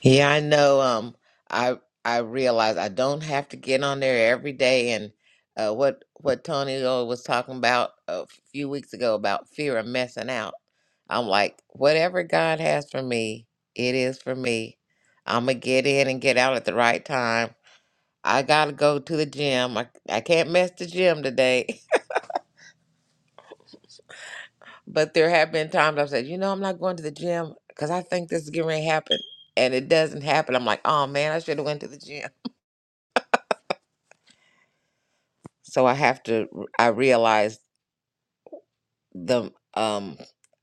S4: Yeah, I know. Um, I I realize I don't have to get on there every day, and uh, what what Tony was talking about a few weeks ago about fear of messing out. I'm like, whatever God has for me, it is for me. I'm gonna get in and get out at the right time. I gotta go to the gym. I I can't mess the gym today, but there have been times I've said, you know, I'm not going to the gym because I think this is getting ready to happen, and it doesn't happen. I'm like, oh man, I should have went to the gym So I have to, I realize the, um,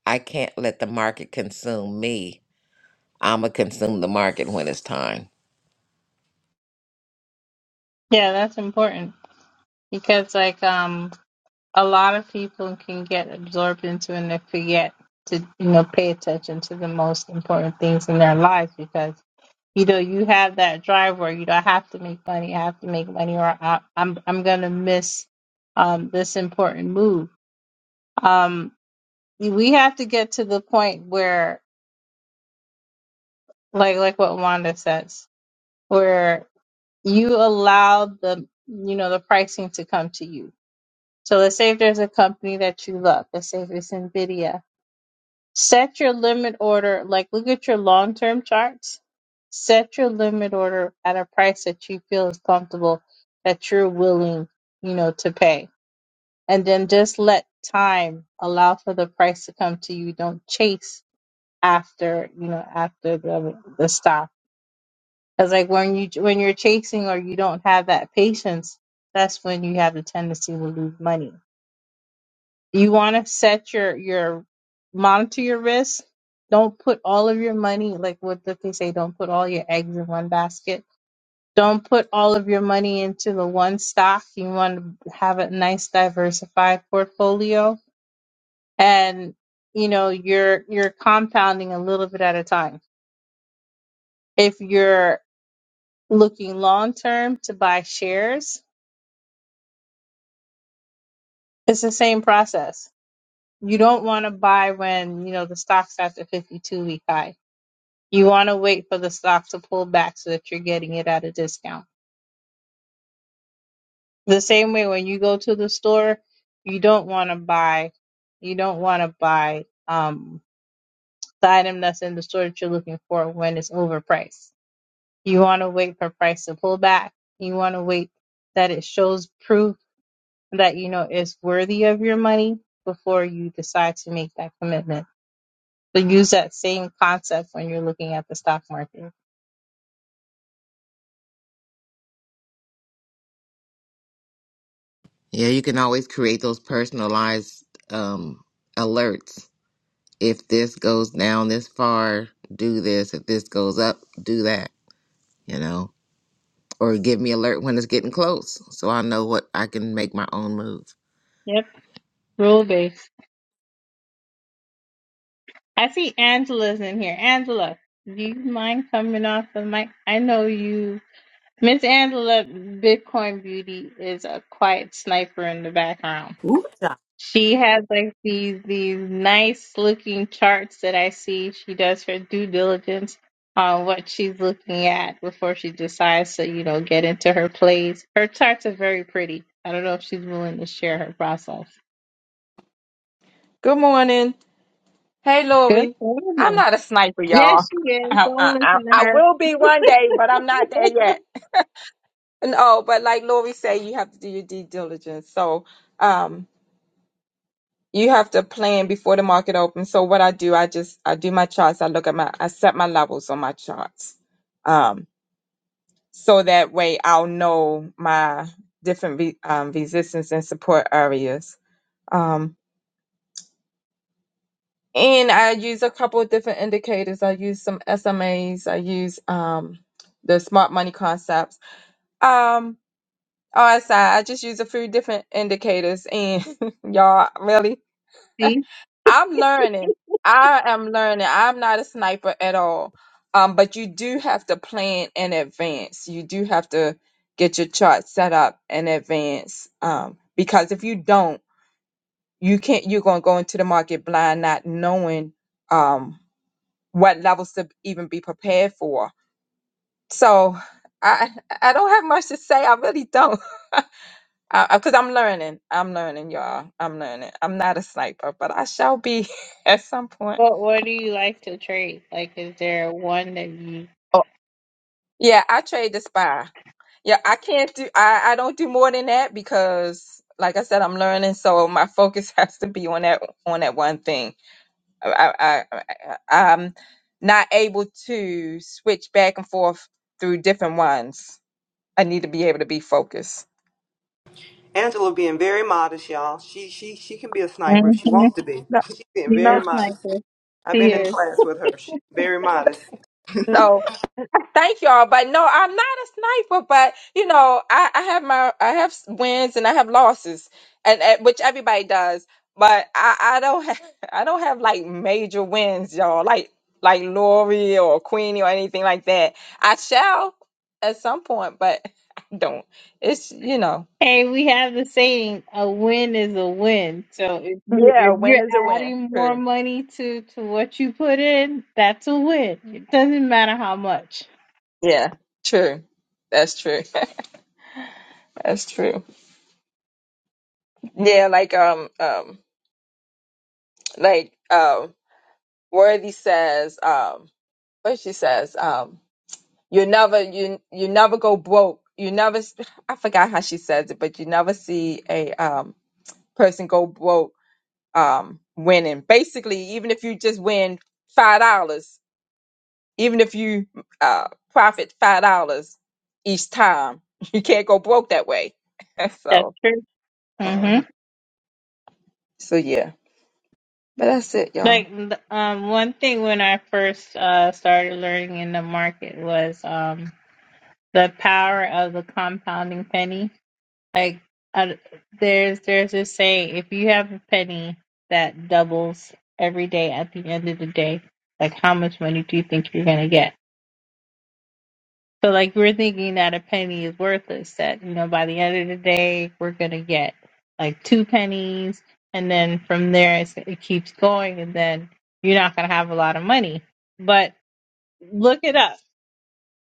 S4: I can't let the market consume me. I'm going to consume the market when it's time.
S10: Yeah, that's important because like um a lot of people can get absorbed into and they forget to you know pay attention to the most important things in their lives because you know you have that drive where you know I have to make money, I have to make money, or I, I'm I'm gonna miss um this important move. Um, we have to get to the point where like like what Wanda says, where you allow the you know the pricing to come to you. So let's say if there's a company that you love, let's say if it's Nvidia, set your limit order. Like look at your long term charts. Set your limit order at a price that you feel is comfortable that you're willing, you know, to pay. And then just let time allow for the price to come to you. Don't chase after, you know, after the the stock Because like when you when you're chasing or you don't have that patience, that's when you have the tendency to lose money. You want to set your your monitor your risk. Don't put all of your money like what did they say? Don't put all your eggs in one basket. Don't put all of your money into the one stock. You want to have a nice diversified portfolio, and you know you're you're compounding a little bit at a time. If you're looking long term to buy shares, It's the same process. You don't want to buy when, you know, the stock's at the 52 week high. You want to wait for the stock to pull back so that you're getting it at a discount. The same way when you go to the store, you don't want to buy, you don't want to buy um, the item that's in the store that you're looking for when it's overpriced. You want to wait for price to pull back. You want to wait that it shows proof that, you know, it's worthy of your money before you decide to make that commitment. So use that same concept when you're looking at the stock market.
S4: Yeah, you can always create those personalized um, alerts. If this goes down this far, do this. If this goes up, do that, you know, or give me alert when it's getting close so I know what I can make my own move.
S10: Yep, rule based. I see Angela's in here. Angela, do you mind coming off the mic? I know you, Miss Angela, Bitcoin Beauty is a quiet sniper in the background.
S1: Ooh,
S10: She has like these these nice looking charts that I see. She does her due diligence on what she's looking at before she decides to, you know, get into her plays. Her charts are very pretty. I don't know if she's willing to share her process.
S5: Good morning. Hey,
S10: Good
S5: Lori. I'm
S10: woman.
S5: not a sniper, y'all.
S10: Yes, she is.
S5: I,
S10: Don't
S5: I, I
S10: listen to
S5: I
S10: her.
S5: will be one day, but I'm not there yet. No, but like Lori said, you have to do your due diligence. So, um, you have to plan before the market opens. So what I do, I just I do my charts. I look at my I set my levels on my charts, um, so that way I'll know my different re, um, resistance and support areas. Um, And I use a couple of different indicators. I use some SMAs. I use um, the smart money concepts. Um, RSI. I I just use a few different indicators. And y'all, really,
S10: See?
S5: I'm learning. I am learning. I'm not a sniper at all. Um, but you do have to plan in advance. You do have to get your chart set up in advance. Um, because if you don't, you can't. You're gonna go into the market blind, not knowing. Um, what levels to even be prepared for. So I I don't have much to say. I really don't, because I'm learning. I'm learning, y'all. I'm learning. I'm not a sniper, but I shall be at some point.
S10: What what do you like to trade? Like is there one that you
S5: Oh, yeah, I trade the spy. Yeah, I can't do. I I don't do more than that because, like I said, I'm learning. So my focus has to be on that on that one thing. I I, I I- I'm not able to switch back and forth through different ones. I need to be able to be focused.
S8: Angela being very modest, y'all. She she she can be a sniper if
S10: Mhm.
S8: she wants to be.
S5: No,
S8: She's being
S10: She's a
S8: very
S5: no,
S8: modest.
S10: sniper.
S8: I've
S10: She
S8: been in
S10: is.
S8: class with her. She's very modest.
S5: no. Thank y'all, but no, I'm not a sniper. But you know, I, I have my I have wins and I have losses, and, and which everybody does. But I, I don't have I don't have like major wins, y'all. Like like Lori or Queenie or anything like that. I shall at some point, but I don't. It's you know.
S10: Hey, we have the saying, a win is a win. So if you
S5: Yeah,
S10: if
S5: a win
S10: you're
S5: is a win.
S10: adding more
S5: True.
S10: money to to what you put in, that's a win. It doesn't matter how much.
S5: Yeah. True. That's true. That's true. Yeah, like um um like um Worthy says, um, what she says, um, you never you you never go broke. You never s- I forgot how she says it, but you never see a um person go broke um winning. Basically, even if you just win five dollars, even if you uh profit five dollars each time, you can't go broke that way.
S10: That's
S5: so
S10: true. hmm
S5: mhm. so yeah. But that's it, y'all.
S10: Like the- um, one thing when I first uh started learning in the market was um the power of the compounding penny. Like uh, there's there's this saying, if you have a penny that doubles every day at the end of the day, like how much money do you think you're gonna get? So like we're thinking that a penny is worthless, that you know, by the end of the day we're gonna get like two pennies and then from there it's, it keeps going and then you're not gonna have a lot of money. But look it up.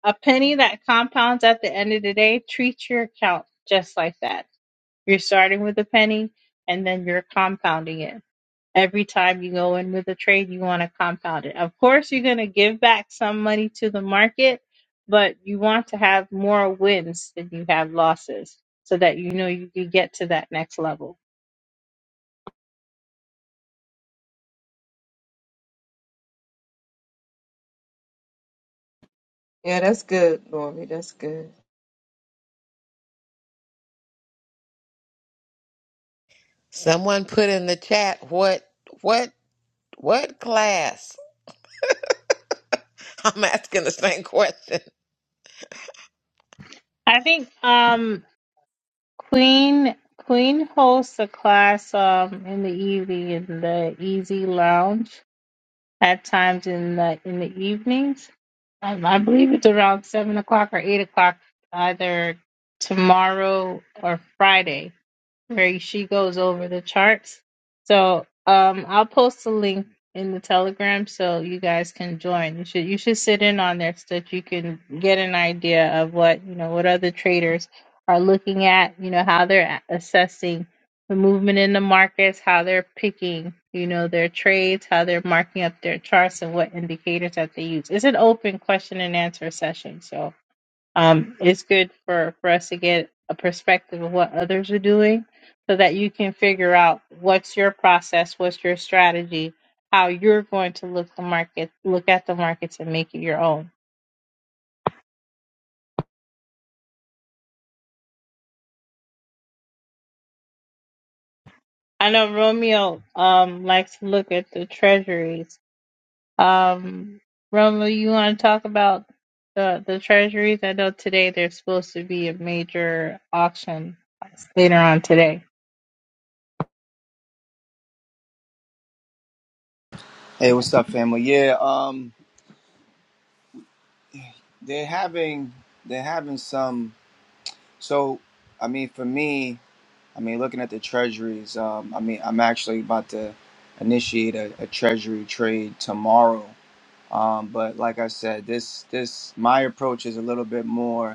S10: A penny that compounds at the end of the day, treat your account just like that. You're starting with a penny and then you're compounding it. Every time you go in with a trade, you want to compound it. Of course, you're going to give back some money to the market, but you want to have more wins than you have losses so that you know you can get to that next level.
S5: Yeah, that's good, Lori. That's good.
S4: Someone put in the chat, what, what, what class? I'm asking the same question.
S10: I think um, Queen Queen hosts a class um, in the evening in the Easy Lounge at times in the in the evenings. Um, I believe it's around seven o'clock or eight o'clock, either tomorrow or Friday where she goes over the charts. So um, I'll post a link in the Telegram so you guys can join. You should you should sit in on there so that you can get an idea of what you know what other traders are looking at. You know how they're a- assessing the movement in the markets, how they're picking you know their trades, how they're marking up their charts, and what indicators that they use. It's an open question and answer session, so um, it's good for, for us to get a perspective of what others are doing so that you can figure out what's your process, what's your strategy, how you're going to look the market, look at the markets and make it your own. I know Romeo um, likes to look at the treasuries. Um, Romeo, you want to talk about the, the treasuries? I know today there's supposed to be a major auction later on today.
S13: Hey, what's up, family? Yeah, um, they're having they're having some. So, I mean, for me, I mean, looking at the treasuries, um, I mean, I'm actually about to initiate a, a treasury trade tomorrow. Um, but like I said, this this my approach is a little bit more.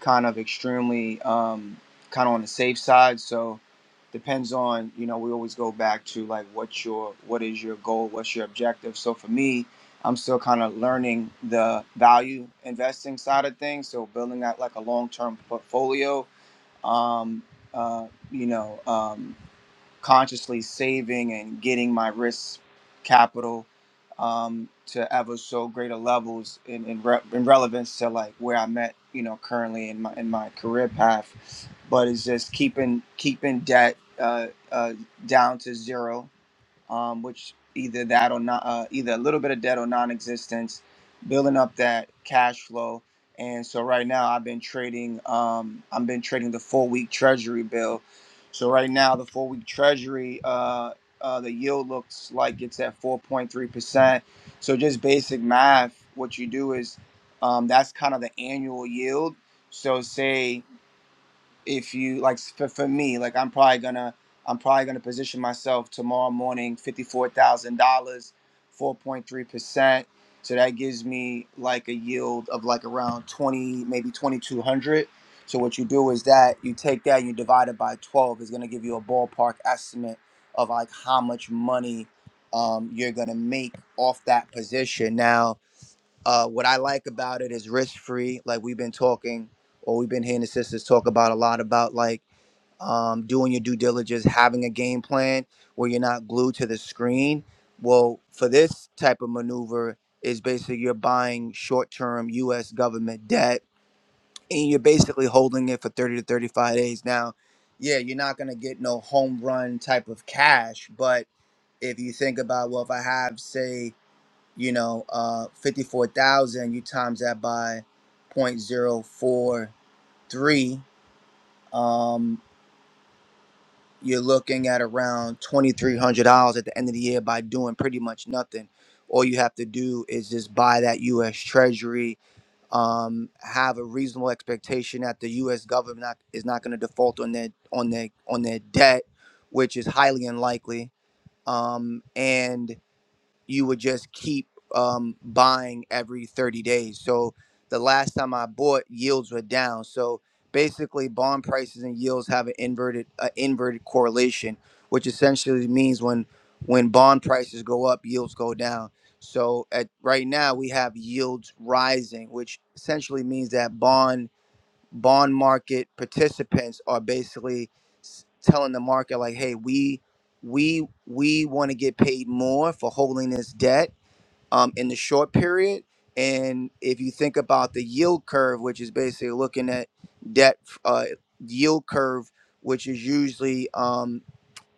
S13: kind of extremely um, kind of on the safe side. So depends on you know we always go back to like what's your what is your goal, what's your objective. So for me, I'm still kind of learning the value investing side of things. So building out like a long term portfolio. Um, uh, you know. um, consciously saving and getting my risk capital um, to ever so greater levels in, in, re- in relevance to like where I'm at, you know, currently in my in my career path. But it's just keeping keeping debt uh, uh, down to zero um, which either that or not, uh, either a little bit of debt or non-existence, building up that cash flow. And so right now I've been trading. Um, I've been trading the four-week Treasury bill. So right now the four-week Treasury, uh, uh, the yield looks like it's at 4.3 percent. So just basic math, what you do is um, that's kind of the annual yield. So say if you like for, for me like i'm probably gonna i'm probably gonna position myself tomorrow morning $54000 4.3% so that gives me like a yield of like around 20 maybe 2200 so what you do is that you take that and you divide it by 12 it's gonna give you a ballpark estimate of like how much money um, you're gonna make off that position now uh, what I like about it is risk free. Like we've been talking, or we've been hearing the sisters talk about a lot about like um, doing your due diligence, having a game plan where you're not glued to the screen. Well, for this type of maneuver, is basically you're buying short term U.S. government debt and you're basically holding it for 30 to 35 days. Now, yeah, you're not going to get no home run type of cash, but if you think about, well, if I have, say, you know, uh, 54,000, you times that by point zero four three. um, you're looking at around $2,300 at the end of the year by doing pretty much nothing. All you have to do is just buy that U.S. Treasury, um, have a reasonable expectation that the U.S. government not, is not going to default on their on their on their debt, which is highly unlikely. Um, and you would just keep um, buying every 30 days. So the last time I bought, yields were down. So basically, bond prices and yields have an inverted uh, inverted correlation, which essentially means when when bond prices go up, yields go down. So at right now, we have yields rising, which essentially means that bond bond market participants are basically s- telling the market like hey we we we want to get paid more for holding this debt um, in the short period and if you think about the yield curve which is basically looking at debt uh, yield curve which is usually um,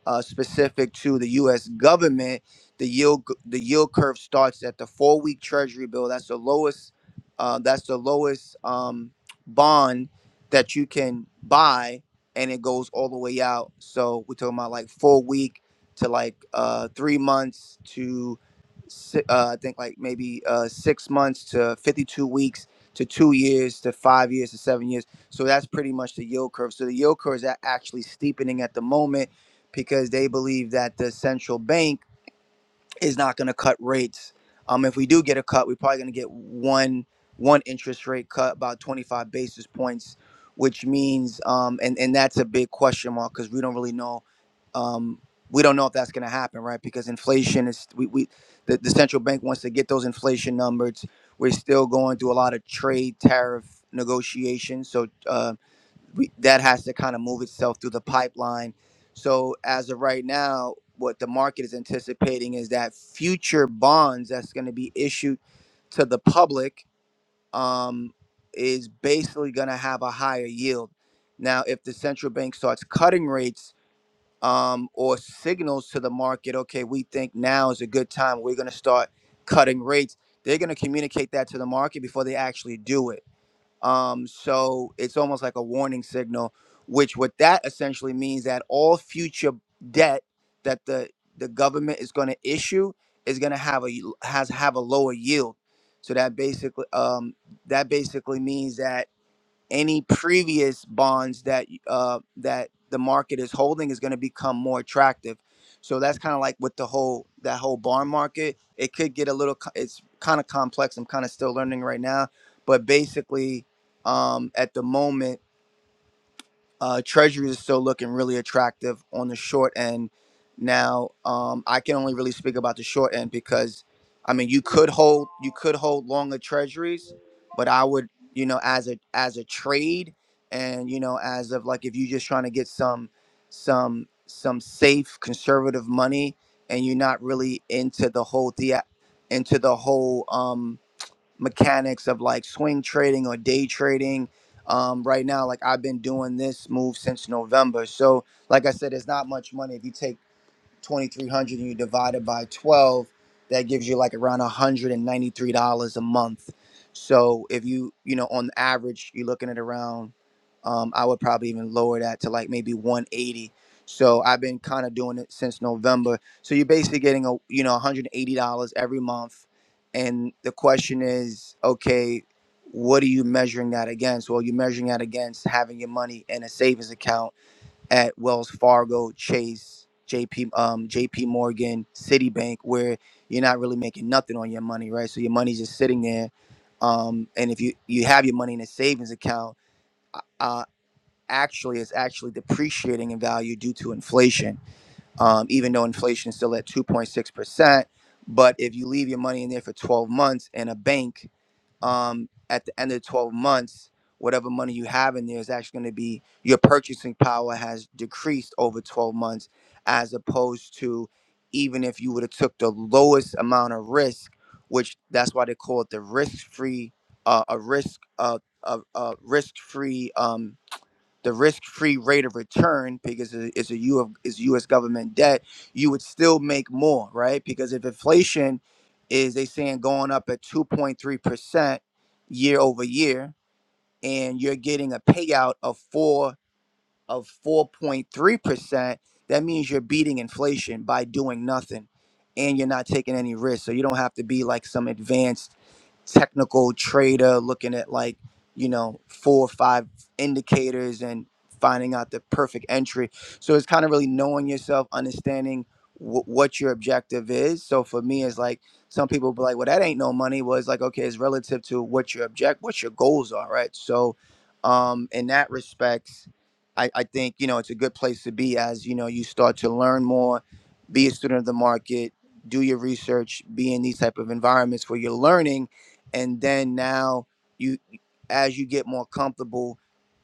S13: uh, specific to the U.S. government, the yield the yield curve starts at the four week Treasury bill. That's the lowest. Uh, that's the lowest um, bond that you can buy, and it goes all the way out. So we're talking about like four week to like uh, three months to si- uh, I think like maybe uh, six months to fifty two weeks to two years to five years to seven years. So that's pretty much the yield curve. So the yield curve is a- actually steepening at the moment because they believe that the central bank is not going to cut rates. Um, if we do get a cut, we're probably going to get one one interest rate cut, about 25 basis points, which means, um, and and that's a big question mark because we don't really know. Um, we don't know if that's going to happen, right? Because inflation is we, we the, the central bank wants to get those inflation numbers. We're still going through a lot of trade tariff negotiations, so. Uh, we, that has to kind of move itself through the pipeline. So as of right now, what the market is anticipating is that future bonds that's going to be issued to the public um, is basically going to have a higher yield. Now, if the central bank starts cutting rates um, or signals to the market, okay, we think now is a good time, we're going to start cutting rates. They're going to communicate that to the market before they actually do it. Um, so it's almost like a warning signal, which what that essentially means that all future debt that the the government is going to issue is going to have a y- has have a lower yield. So that basically um, that basically means that any previous bonds that uh, that the market is holding is going to become more attractive. So that's kind of like with the whole that whole bond market. It could get a little. co- It's kind of complex. I'm kind of still learning right now, but basically, um, at the moment. Uh, Treasuries is still looking really attractive on the short end. Now, um, I can only really speak about the short end because, I mean, you could hold you could hold longer Treasuries, but I would you know as a as a trade and you know as of like if you're just trying to get some some some safe conservative money and you're not really into the whole dia into the whole um, mechanics of like swing trading or day trading. Um, right now, like I've been doing this move since November. So, like I said, there's not much money if you take. 2300 and you divide it by 12 that gives you like around $193 a month so if you you know on average you're looking at around um, i would probably even lower that to like maybe 180 so i've been kind of doing it since november so you're basically getting a you know $180 every month and the question is okay what are you measuring that against well you're measuring that against having your money in a savings account at Wells Fargo, Chase, JP, um, JP Morgan, Citibank, where you're not really making nothing on your money, right? So your money's just sitting there. Um, and if you, you have your money in a savings account, uh, uh, actually it's actually depreciating in value due to inflation. Um, even though inflation is still at 2.6%, but if you leave your money in there for 12 months in a bank, um, at the end of 12 months, whatever money you have in there is actually going to be your purchasing power has decreased over 12 months, as opposed to even if you would have took the lowest amount of risk, which that's why they call it the risk-free, uh, a risk, uh, a, a risk-free. Um, the risk-free rate of return because it- it's a U of it's U.S. government debt, you would still make more, right? Because if inflation is they saying going up at 2.3 percent year over year, and you're getting a payout of four of 4.3%, that means you're beating inflation by doing nothing and you're not taking any risk. So you don't have to be like some advanced technical trader looking at like, you know, four or five indicators and finding out the perfect entry. So it's kind of really knowing yourself, understanding wh- what your objective is. So for me, it's like some people be like, well, that ain't no money. Well, it's like, okay, it's relative to what your object, what your goals are, right? So um, in that respect I, I think you know it's a good place to be as you know you start to learn more, be a student of the market, do your research, be in these type of environments where you're learning, and then now you as you get more comfortable,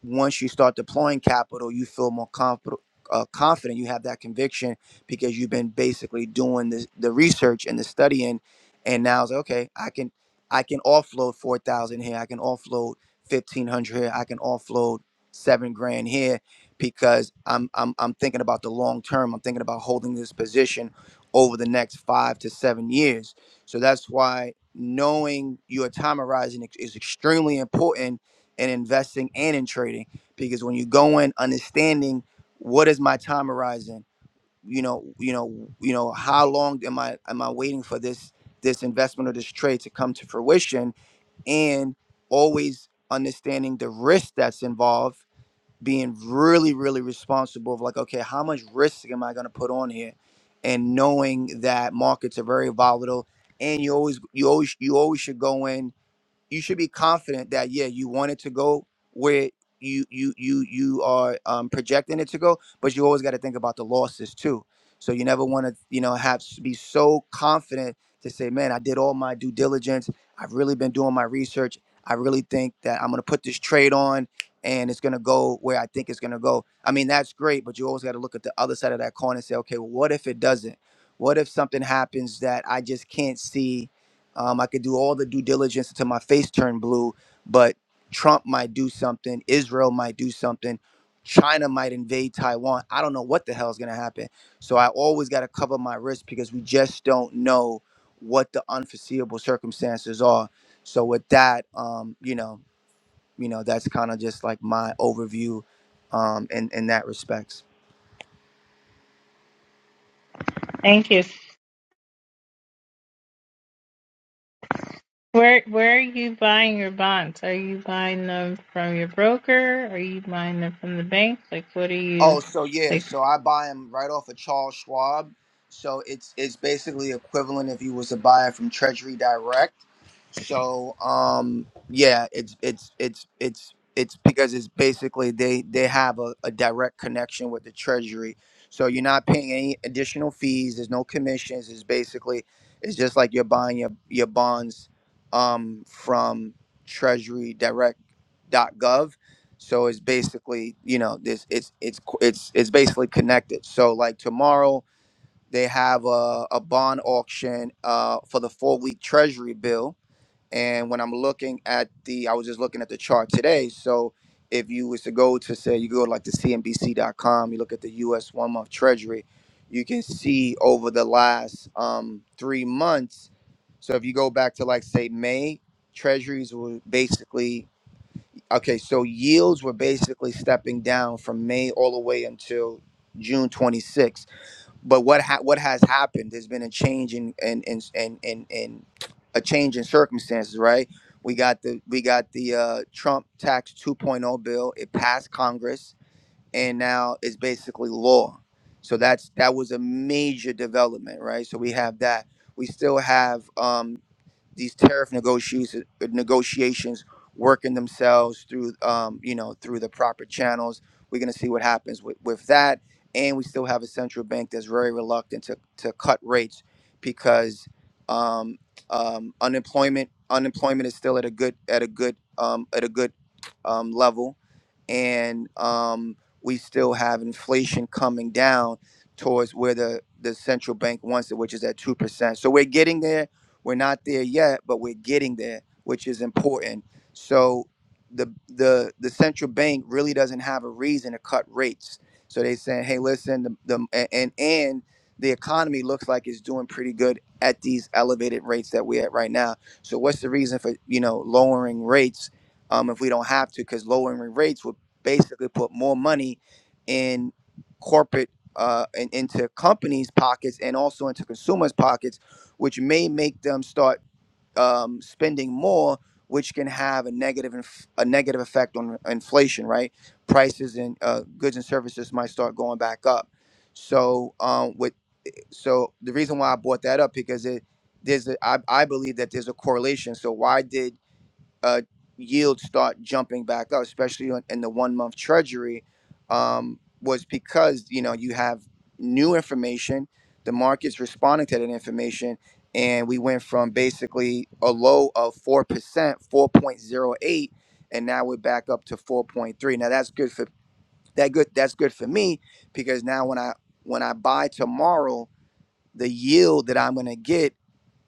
S13: once you start deploying capital, you feel more comfortable. Uh, confident you have that conviction because you've been basically doing the, the research and the studying and now it's like, okay i can i can offload 4000 here i can offload 1500 here i can offload seven grand here because I'm I'm I'm thinking about the long term. I'm thinking about holding this position over the next five to seven years. So that's why knowing your time horizon ex- is extremely important in investing and in trading because when you go in understanding what is my time horizon, you know, you know, you know, how long am I am I waiting for this this investment or this trade to come to fruition and always understanding the risk that's involved being really really responsible of like okay how much risk am i going to put on here and knowing that markets are very volatile and you always you always you always should go in you should be confident that yeah, you want it to go where you you you you are um, projecting it to go, but you always got to think about the losses too. So you never want to you know have be so confident to say, man, I did all my due diligence. I've really been doing my research. I really think that I'm gonna put this trade on and it's gonna go where I think it's gonna go. I mean, that's great, but you always got to look at the other side of that coin and say, okay, well, what if it doesn't? What if something happens that I just can't see? Um, I could do all the due diligence until my face turned blue, but Trump might do something. Israel might do something. China might invade Taiwan. I don't know what the hell is going to happen. So I always got to cover my risk because we just don't know what the unforeseeable circumstances are. So with that, um, you know, you know, that's kind of just like my overview um, in in that respect.
S10: Thank you. Where where are you buying your bonds? Are you buying them from your broker? Are you buying them from the bank? Like what are you
S13: Oh, so yeah,
S10: like
S13: so I buy them right off of Charles Schwab. So it's it's basically equivalent if you was to buy it from Treasury Direct. So um yeah, it's it's it's it's it's because it's basically they they have a, a direct connection with the treasury. So you're not paying any additional fees, there's no commissions, it's basically it's just like you're buying your your bonds um from treasurydirect.gov. So it's basically, you know, this it's it's co- it's it's basically connected. So like tomorrow they have a, a bond auction uh for the 4 week treasury bill and when I'm looking at the, I was just looking at the chart today. So if you was to go to say you go like to CNBC.com, you look at the U.S. one month Treasury, you can see over the last um, three months. So if you go back to like say May, Treasuries were basically okay. So yields were basically stepping down from May all the way until June 26th but what ha- what has happened there's been a change in in in in, in, in a change in circumstances right we got the we got the uh, trump tax 2.0 bill it passed congress and now it's basically law so that's that was a major development right so we have that we still have Um, these tariff negotiations negotiations working themselves through um, you know through the proper channels. We're going to see what happens with, with that, and we still have a central bank that's very reluctant to to cut rates because um, um, unemployment unemployment is still at a good at a good um, at a good um, level and um, we still have inflation coming down towards where the, the central bank wants it, which is at 2%. So we're getting there. We're not there yet, but we're getting there, which is important. So the, the, the central bank really doesn't have a reason to cut rates. So they saying, hey, listen, the, the, a- and, and the economy looks like it's doing pretty good at these elevated rates that we're at right now. So what's the reason for, you know, lowering rates um, if we don't have to, because lowering rates would basically put more money in corporate uh, and into companies' pockets and also into consumers' pockets, which may make them start um, spending more, which can have a negative inf- a negative effect on inflation. Right, prices and uh, goods and services might start going back up. So, um, with so the reason why I brought that up because it there's a, I, I believe that there's a correlation. So why did uh, yields start jumping back up, especially on- in the one month treasury, um, was because you know you have new information, the market's responding to that information, and we went from basically a low of four percent, four point zero eight, and now we're back up to four point three. Now that's good for that good that's good for me because now when I when I buy tomorrow, the yield that I'm gonna get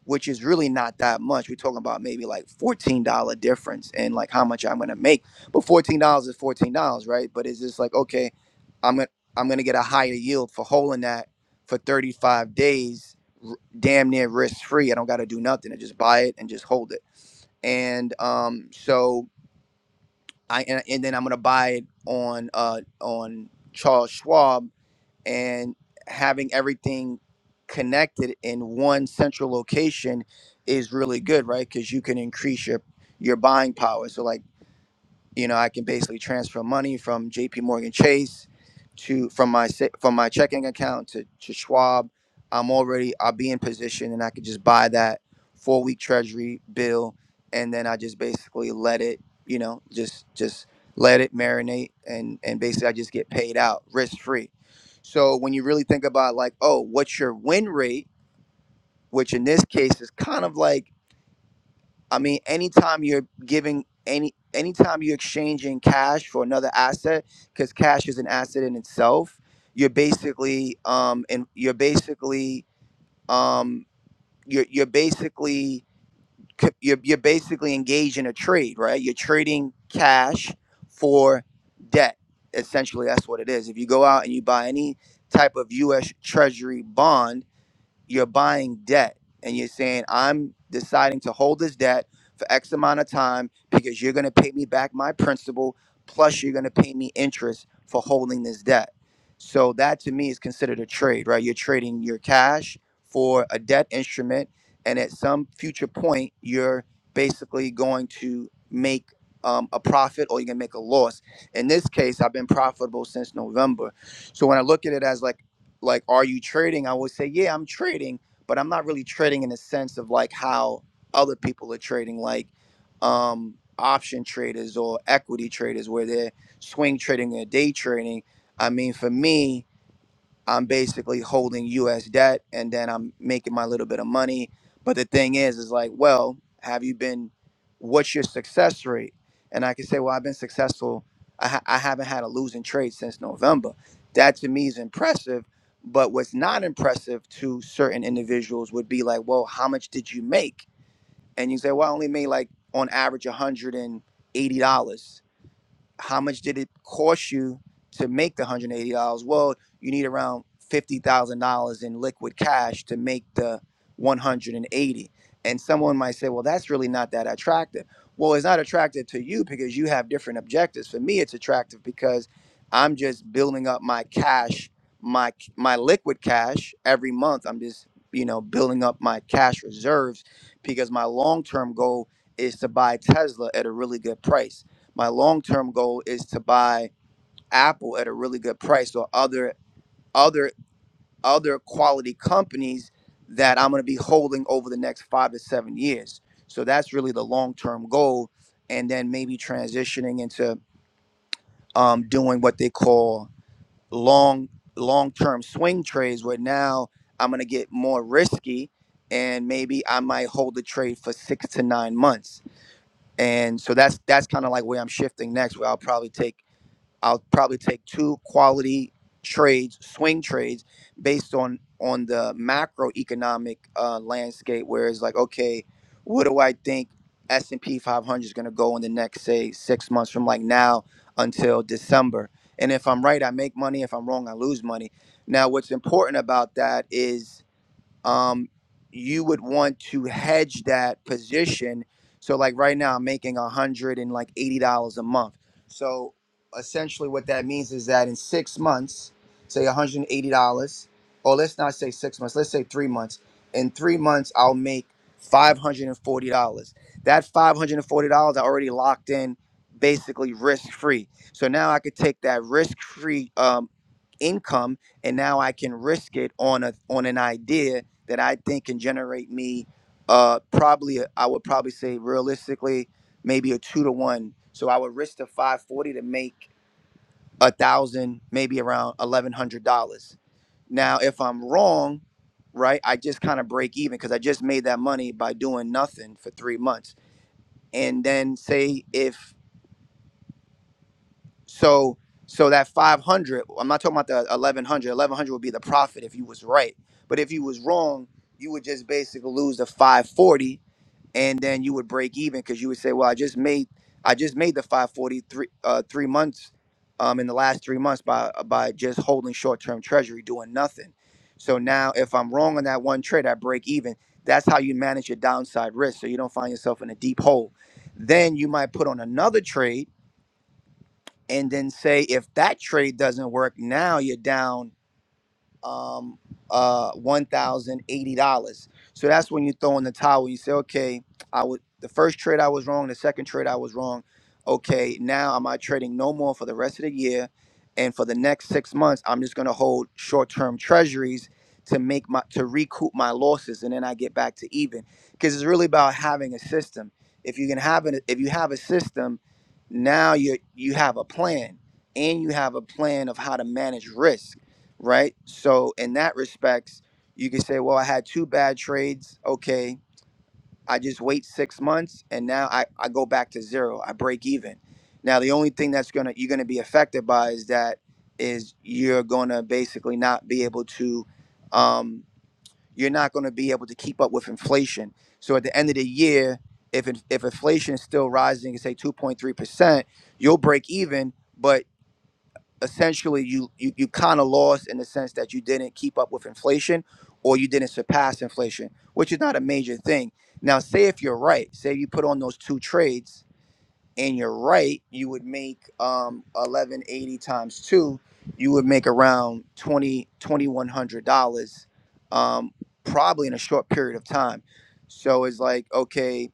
S13: which is really not that much. We're talking about maybe like fourteen dollar difference in like how much I'm gonna make. But fourteen dollars is fourteen dollars, right? But it's just like okay, I'm gonna I'm gonna get a higher yield for holding that for thirty five days, r- damn near risk free. I don't got to do nothing. I just buy it and just hold it. And um, so I and, and then I'm gonna buy it on uh on Charles Schwab and having everything connected in one central location is really good, right? Because you can increase your your buying power. So like you know i can basically transfer money from jp morgan chase to from my sa- from my checking account to, to schwab i'm already i'll be in position and i could just buy that four week treasury bill and then i just basically let it you know just just let it marinate and and basically i just get paid out risk free so when you really think about like oh what's your win rate which in this case is kind of like I mean, anytime you're giving any anytime you're exchanging cash for another asset, because cash is an asset in itself, you're basically um and you're basically um you're you're basically c- you're you're basically engaged in a trade, right? You're trading cash for debt. Essentially, that's what it is. If you go out and you buy any type of U.S. Treasury bond you're buying debt and you're saying i'm deciding to hold this debt for x amount of time because you're going to pay me back my principal plus you're going to pay me interest for holding this debt so that to me is considered a trade right you're trading your cash for a debt instrument and at some future point you're basically going to make um, a profit or you're going to make a loss in this case i've been profitable since november so when i look at it as like like are you trading i would say yeah i'm trading but i'm not really trading in the sense of like how other people are trading like um option traders or equity traders where they're swing trading or day trading i mean for me I'm basically holding US debt and then I'm making my little bit of money. But the thing is, is like, well, have you been, what's your success rate? And I can say, well, I've been successful. I, ha- I haven't had a losing trade since November. That to me is impressive. But what's not impressive to certain individuals would be like, well, how much did you make? And you say, well, I only made like on average $180 how much did it cost you to make the one hundred and eighty dollars? Well, you need around fifty thousand dollars in liquid cash to make the one hundred and eighty. And someone might say, well, that's really not that attractive. Well, it's not attractive to you because you have different objectives. For me, it's attractive because I'm just building up my cash, my my liquid cash every month. I'm just you know building up my cash reserves because my long term goal is to buy Tesla at a really good price my long term goal is to buy Apple at a really good price or other other other quality companies that I'm going to be holding over the next five to seven years. So that's really the long term goal, and then maybe transitioning into um, doing what they call long long term swing trades, where now I'm going to get more risky, and maybe I might hold the trade for six to nine months. And so that's that's kind of like where I'm shifting next, where I'll probably take I'll probably take two quality trades, swing trades, based on on the macroeconomic uh, landscape, where it's like, okay, what do I think S and P 500 is going to go in the next, say, six months from like now until December? And if I'm right, I make money. If I'm wrong, I lose money. Now, what's important about that is um, you would want to hedge that position. So like right now, I'm making a hundred and like eighty dollars a month. So essentially, what that means is that in six months, say one hundred and eighty dollars, or let's not say six months, let's say three months. In three months, I'll make five hundred and forty dollars. That five hundred and forty dollars I already locked in, basically risk free. So now I could take that risk free um, income, and now I can risk it on a on an idea that I think can generate me uh probably I would probably say realistically maybe a two to one. So I would risk the five forty to make a thousand, maybe around eleven hundred dollars. Now if I'm wrong, right, I just kind of break even because I just made that money by doing nothing for three months. And then say if so so that 500 i'm not talking about the 1100 1100 would be the profit if you was right but if you was wrong you would just basically lose the 540 and then you would break even because you would say, "Well, I just made I just made the 543 uh, three months um, in the last three months by uh, by just holding short term treasury, doing nothing." So now, if I'm wrong on that one trade, I break even. That's how you manage your downside risk, so you don't find yourself in a deep hole. Then you might put on another trade, and then say, if that trade doesn't work, now you're down um, uh, one thousand eighty dollars. So that's when you throw in the towel. You say, okay, I would the first trade I was wrong, the second trade I was wrong. Okay, now am I trading no more for the rest of the year, and for the next six months, I'm just gonna hold short-term treasuries to make my to recoup my losses, and then I get back to even. Because it's really about having a system. If you can have an if you have a system, now you you have a plan, and you have a plan of how to manage risk right? So in that respects, you can say, well, I had two bad trades. Okay, I just wait six months, and now I, I go back to zero. I break even. Now the only thing that's gonna you're gonna be affected by is that is you're gonna basically not be able to, um, you're not gonna be able to keep up with inflation. So at the end of the year, if in- if inflation is still rising, say two point three percent, you'll break even. but essentially you you, you kind of lost in the sense that you didn't keep up with inflation or you didn't surpass inflation which is not a major thing now say if you're right say you put on those two trades and you're right you would make um 1180 times two you would make around 20 2100 dollars um probably in a short period of time so it's like okay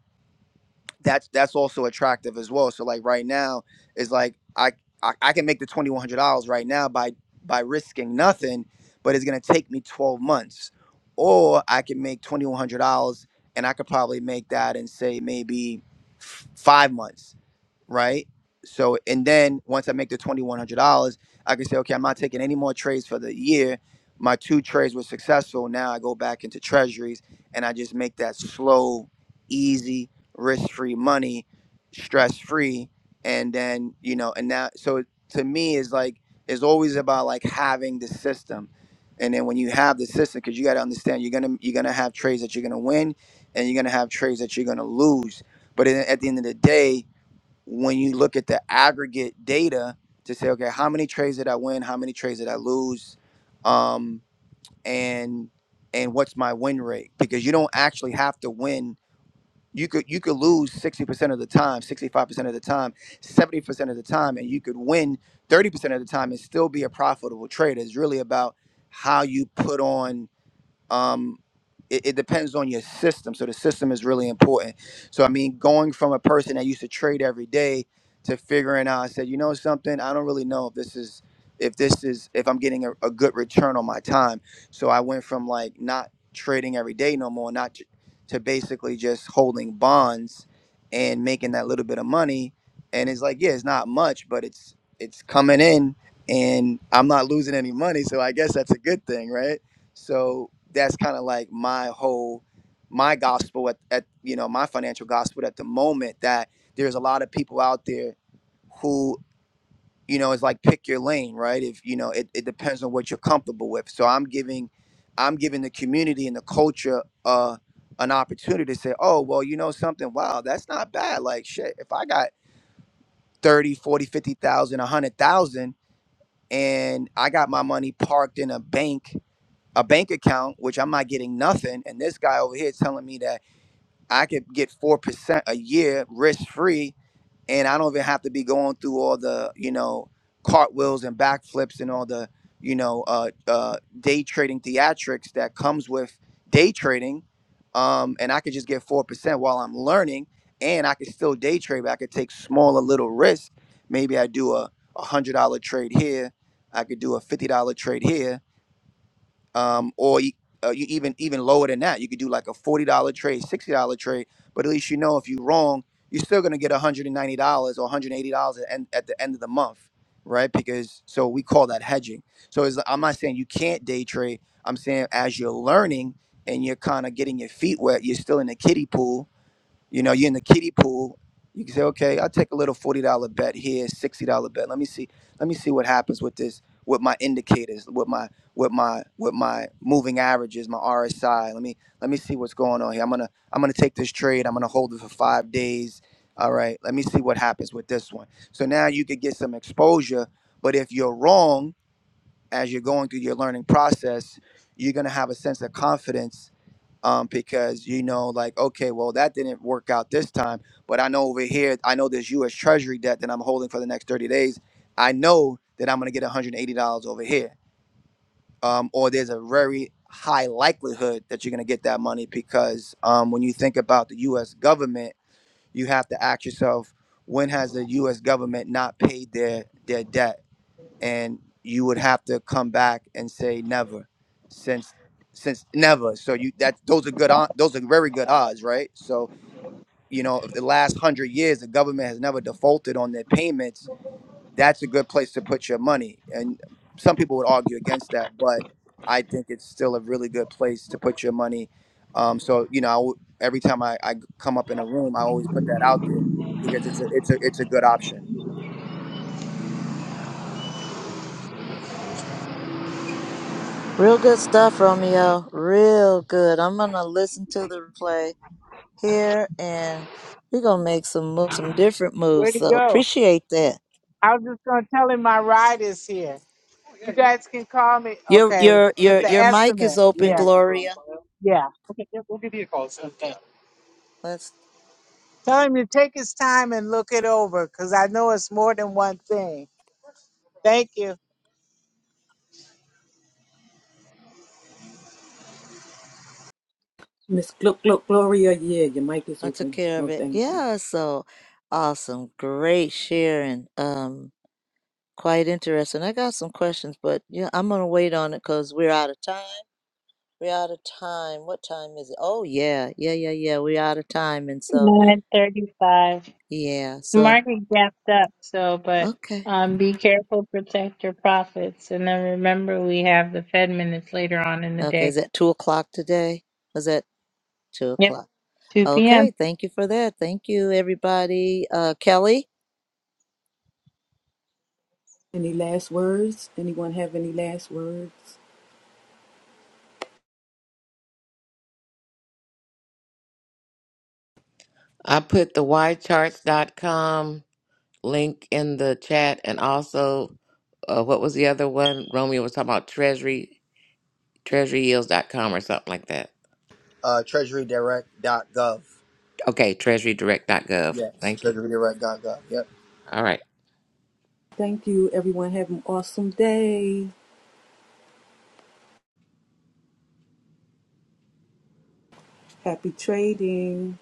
S13: that's that's also attractive as well. So like right now is like I I, I can make the twenty one hundred dollars right now by by risking nothing, but it's gonna take me twelve months, or I can make twenty one hundred dollars and I could probably make that in say maybe f- five months right? So, and then once I make the $2,100, I can say, okay, I'm not taking any more trades for the year. My two trades were successful. Now I go back into treasuries and I just make that slow, easy, risk free money, stress free. And then, you know, and now, so to me, is like, it's always about like having the system. And then when you have the system, because you got to understand, you're gonna you're gonna have trades that you're gonna win, and you're gonna have trades that you're gonna lose. But at the end of the day, when you look at the aggregate data to say, okay, how many trades did I win? How many trades did I lose? Um, and and what's my win rate? Because you don't actually have to win. You could you could lose sixty percent of the time, sixty five percent of the time, seventy percent of the time, and you could win thirty percent of the time and still be a profitable trader. It's really about how you put on um it, it depends on your system so the system is really important so i mean going from a person that used to trade every day to figuring out i said you know something i don't really know if this is if this is if i'm getting a, a good return on my time so i went from like not trading every day no more not to, to basically just holding bonds and making that little bit of money and it's like yeah it's not much but it's it's coming in and i'm not losing any money so i guess that's a good thing right so that's kind of like my whole my gospel at, at you know my financial gospel at the moment that there's a lot of people out there who you know is like pick your lane right if you know it, it depends on what you're comfortable with so i'm giving i'm giving the community and the culture uh an opportunity to say oh well you know something wow that's not bad like shit if i got thirty forty fifty thousand a 100 thousand and i got my money parked in a bank a bank account, which I'm not getting nothing, and this guy over here is telling me that I could get four percent a year, risk free, and I don't even have to be going through all the you know cartwheels and backflips and all the you know uh, uh, day trading theatrics that comes with day trading, um, and I could just get four percent while I'm learning, and I could still day trade, but I could take smaller little risks. Maybe I do a a hundred dollar trade here, I could do a fifty dollar trade here um, or you, uh, you even even lower than that. You could do like a forty dollar trade, sixty dollar trade, but at least you know if you're wrong, you're still gonna get one hundred and ninety dollars or one hundred eighty dollars at, end- at the end of the month, right? Because so we call that hedging. So it's, I'm not saying you can't day trade. I'm saying as you're learning and you're kind of getting your feet wet, you're still in the kiddie pool you know, you're in the kiddie pool. You can say, okay, I'll take a little forty dollar bet here, sixty dollar bet. Let me see, let me see what happens with this, with my indicators, with my, with my, with my moving averages, my RSI. Let me, let me see what's going on here. I'm gonna, I'm gonna take this trade. I'm gonna hold it for five days. All right, let me see what happens with this one. So now you could get some exposure, but if you're wrong as you're going through your learning process, you're gonna have a sense of confidence um, because you know, like, okay, well, that didn't work out this time, but I know over here, I know there's U.S. Treasury debt that I'm holding for the next 30 days. I know that I'm gonna get $180 over here, um, or there's a very high likelihood that you're gonna get that money because um, when you think about the U.S. government, you have to ask yourself, when has the U.S. government not paid their their debt? and you would have to come back and say never since since never so you that those are good on those are very good odds right so you know if the last 100 years the government has never defaulted on their payments that's a good place to put your money and some people would argue against that but i think it's still a really good place to put your money um, so you know I w- every time I, I come up in a room i always put that out there because it's a it's a it's a good option
S3: Real good stuff, Romeo. Real good. I'm gonna listen to the replay here, and we're gonna make some moves, some different moves.
S6: Where'd he
S3: So
S6: go?
S3: appreciate that.
S6: I was just going to tell him my ride is here. You guys can call me,
S3: Your
S6: okay,
S3: your
S6: with
S3: your
S6: the
S3: your mic is
S6: estimate.
S3: open,
S6: Yeah.
S3: Gloria.
S6: Yeah.
S3: Let's.
S6: Tell him to take his time and look it over because I know it's more than one thing. Thank you.
S1: Miss Gl- Gl- Gloria, yeah, your mic is
S3: I took
S1: open.
S3: care of
S1: Oh,
S3: it.
S1: thank you.
S3: Yeah. So awesome. Great sharing. Um, quite interesting. I got some questions, but yeah, I'm gonna wait on it because we're out of time. We're out of time. What time is it? Oh yeah, yeah, yeah, yeah. We're out of time, and so.
S10: nine thirty five.
S3: Yeah,
S10: The
S3: so
S10: market gapped up, so but
S3: okay.
S10: um be careful, protect your profits. And then remember we have the Fed minutes later on in the
S3: Okay,
S10: day.
S3: is that two o'clock today? Is that two
S10: Yep.
S3: o'clock?
S10: Two PM.
S3: Okay, thank you for that. Thank you, everybody. Uh, Kelly?
S1: Any last words? Anyone have any last words?
S4: I put the y charts dot com link in the chat and also uh, what was the other one? Romeo was talking about treasury treasury yields dot com or something like that.
S13: uh, treasurydirect.gov.
S4: Okay, treasury direct dot gov.
S13: Yes,
S4: Thank you.
S13: treasurydirect.gov. Yep.
S4: All right.
S1: Thank you. Everyone have an awesome day. Happy trading.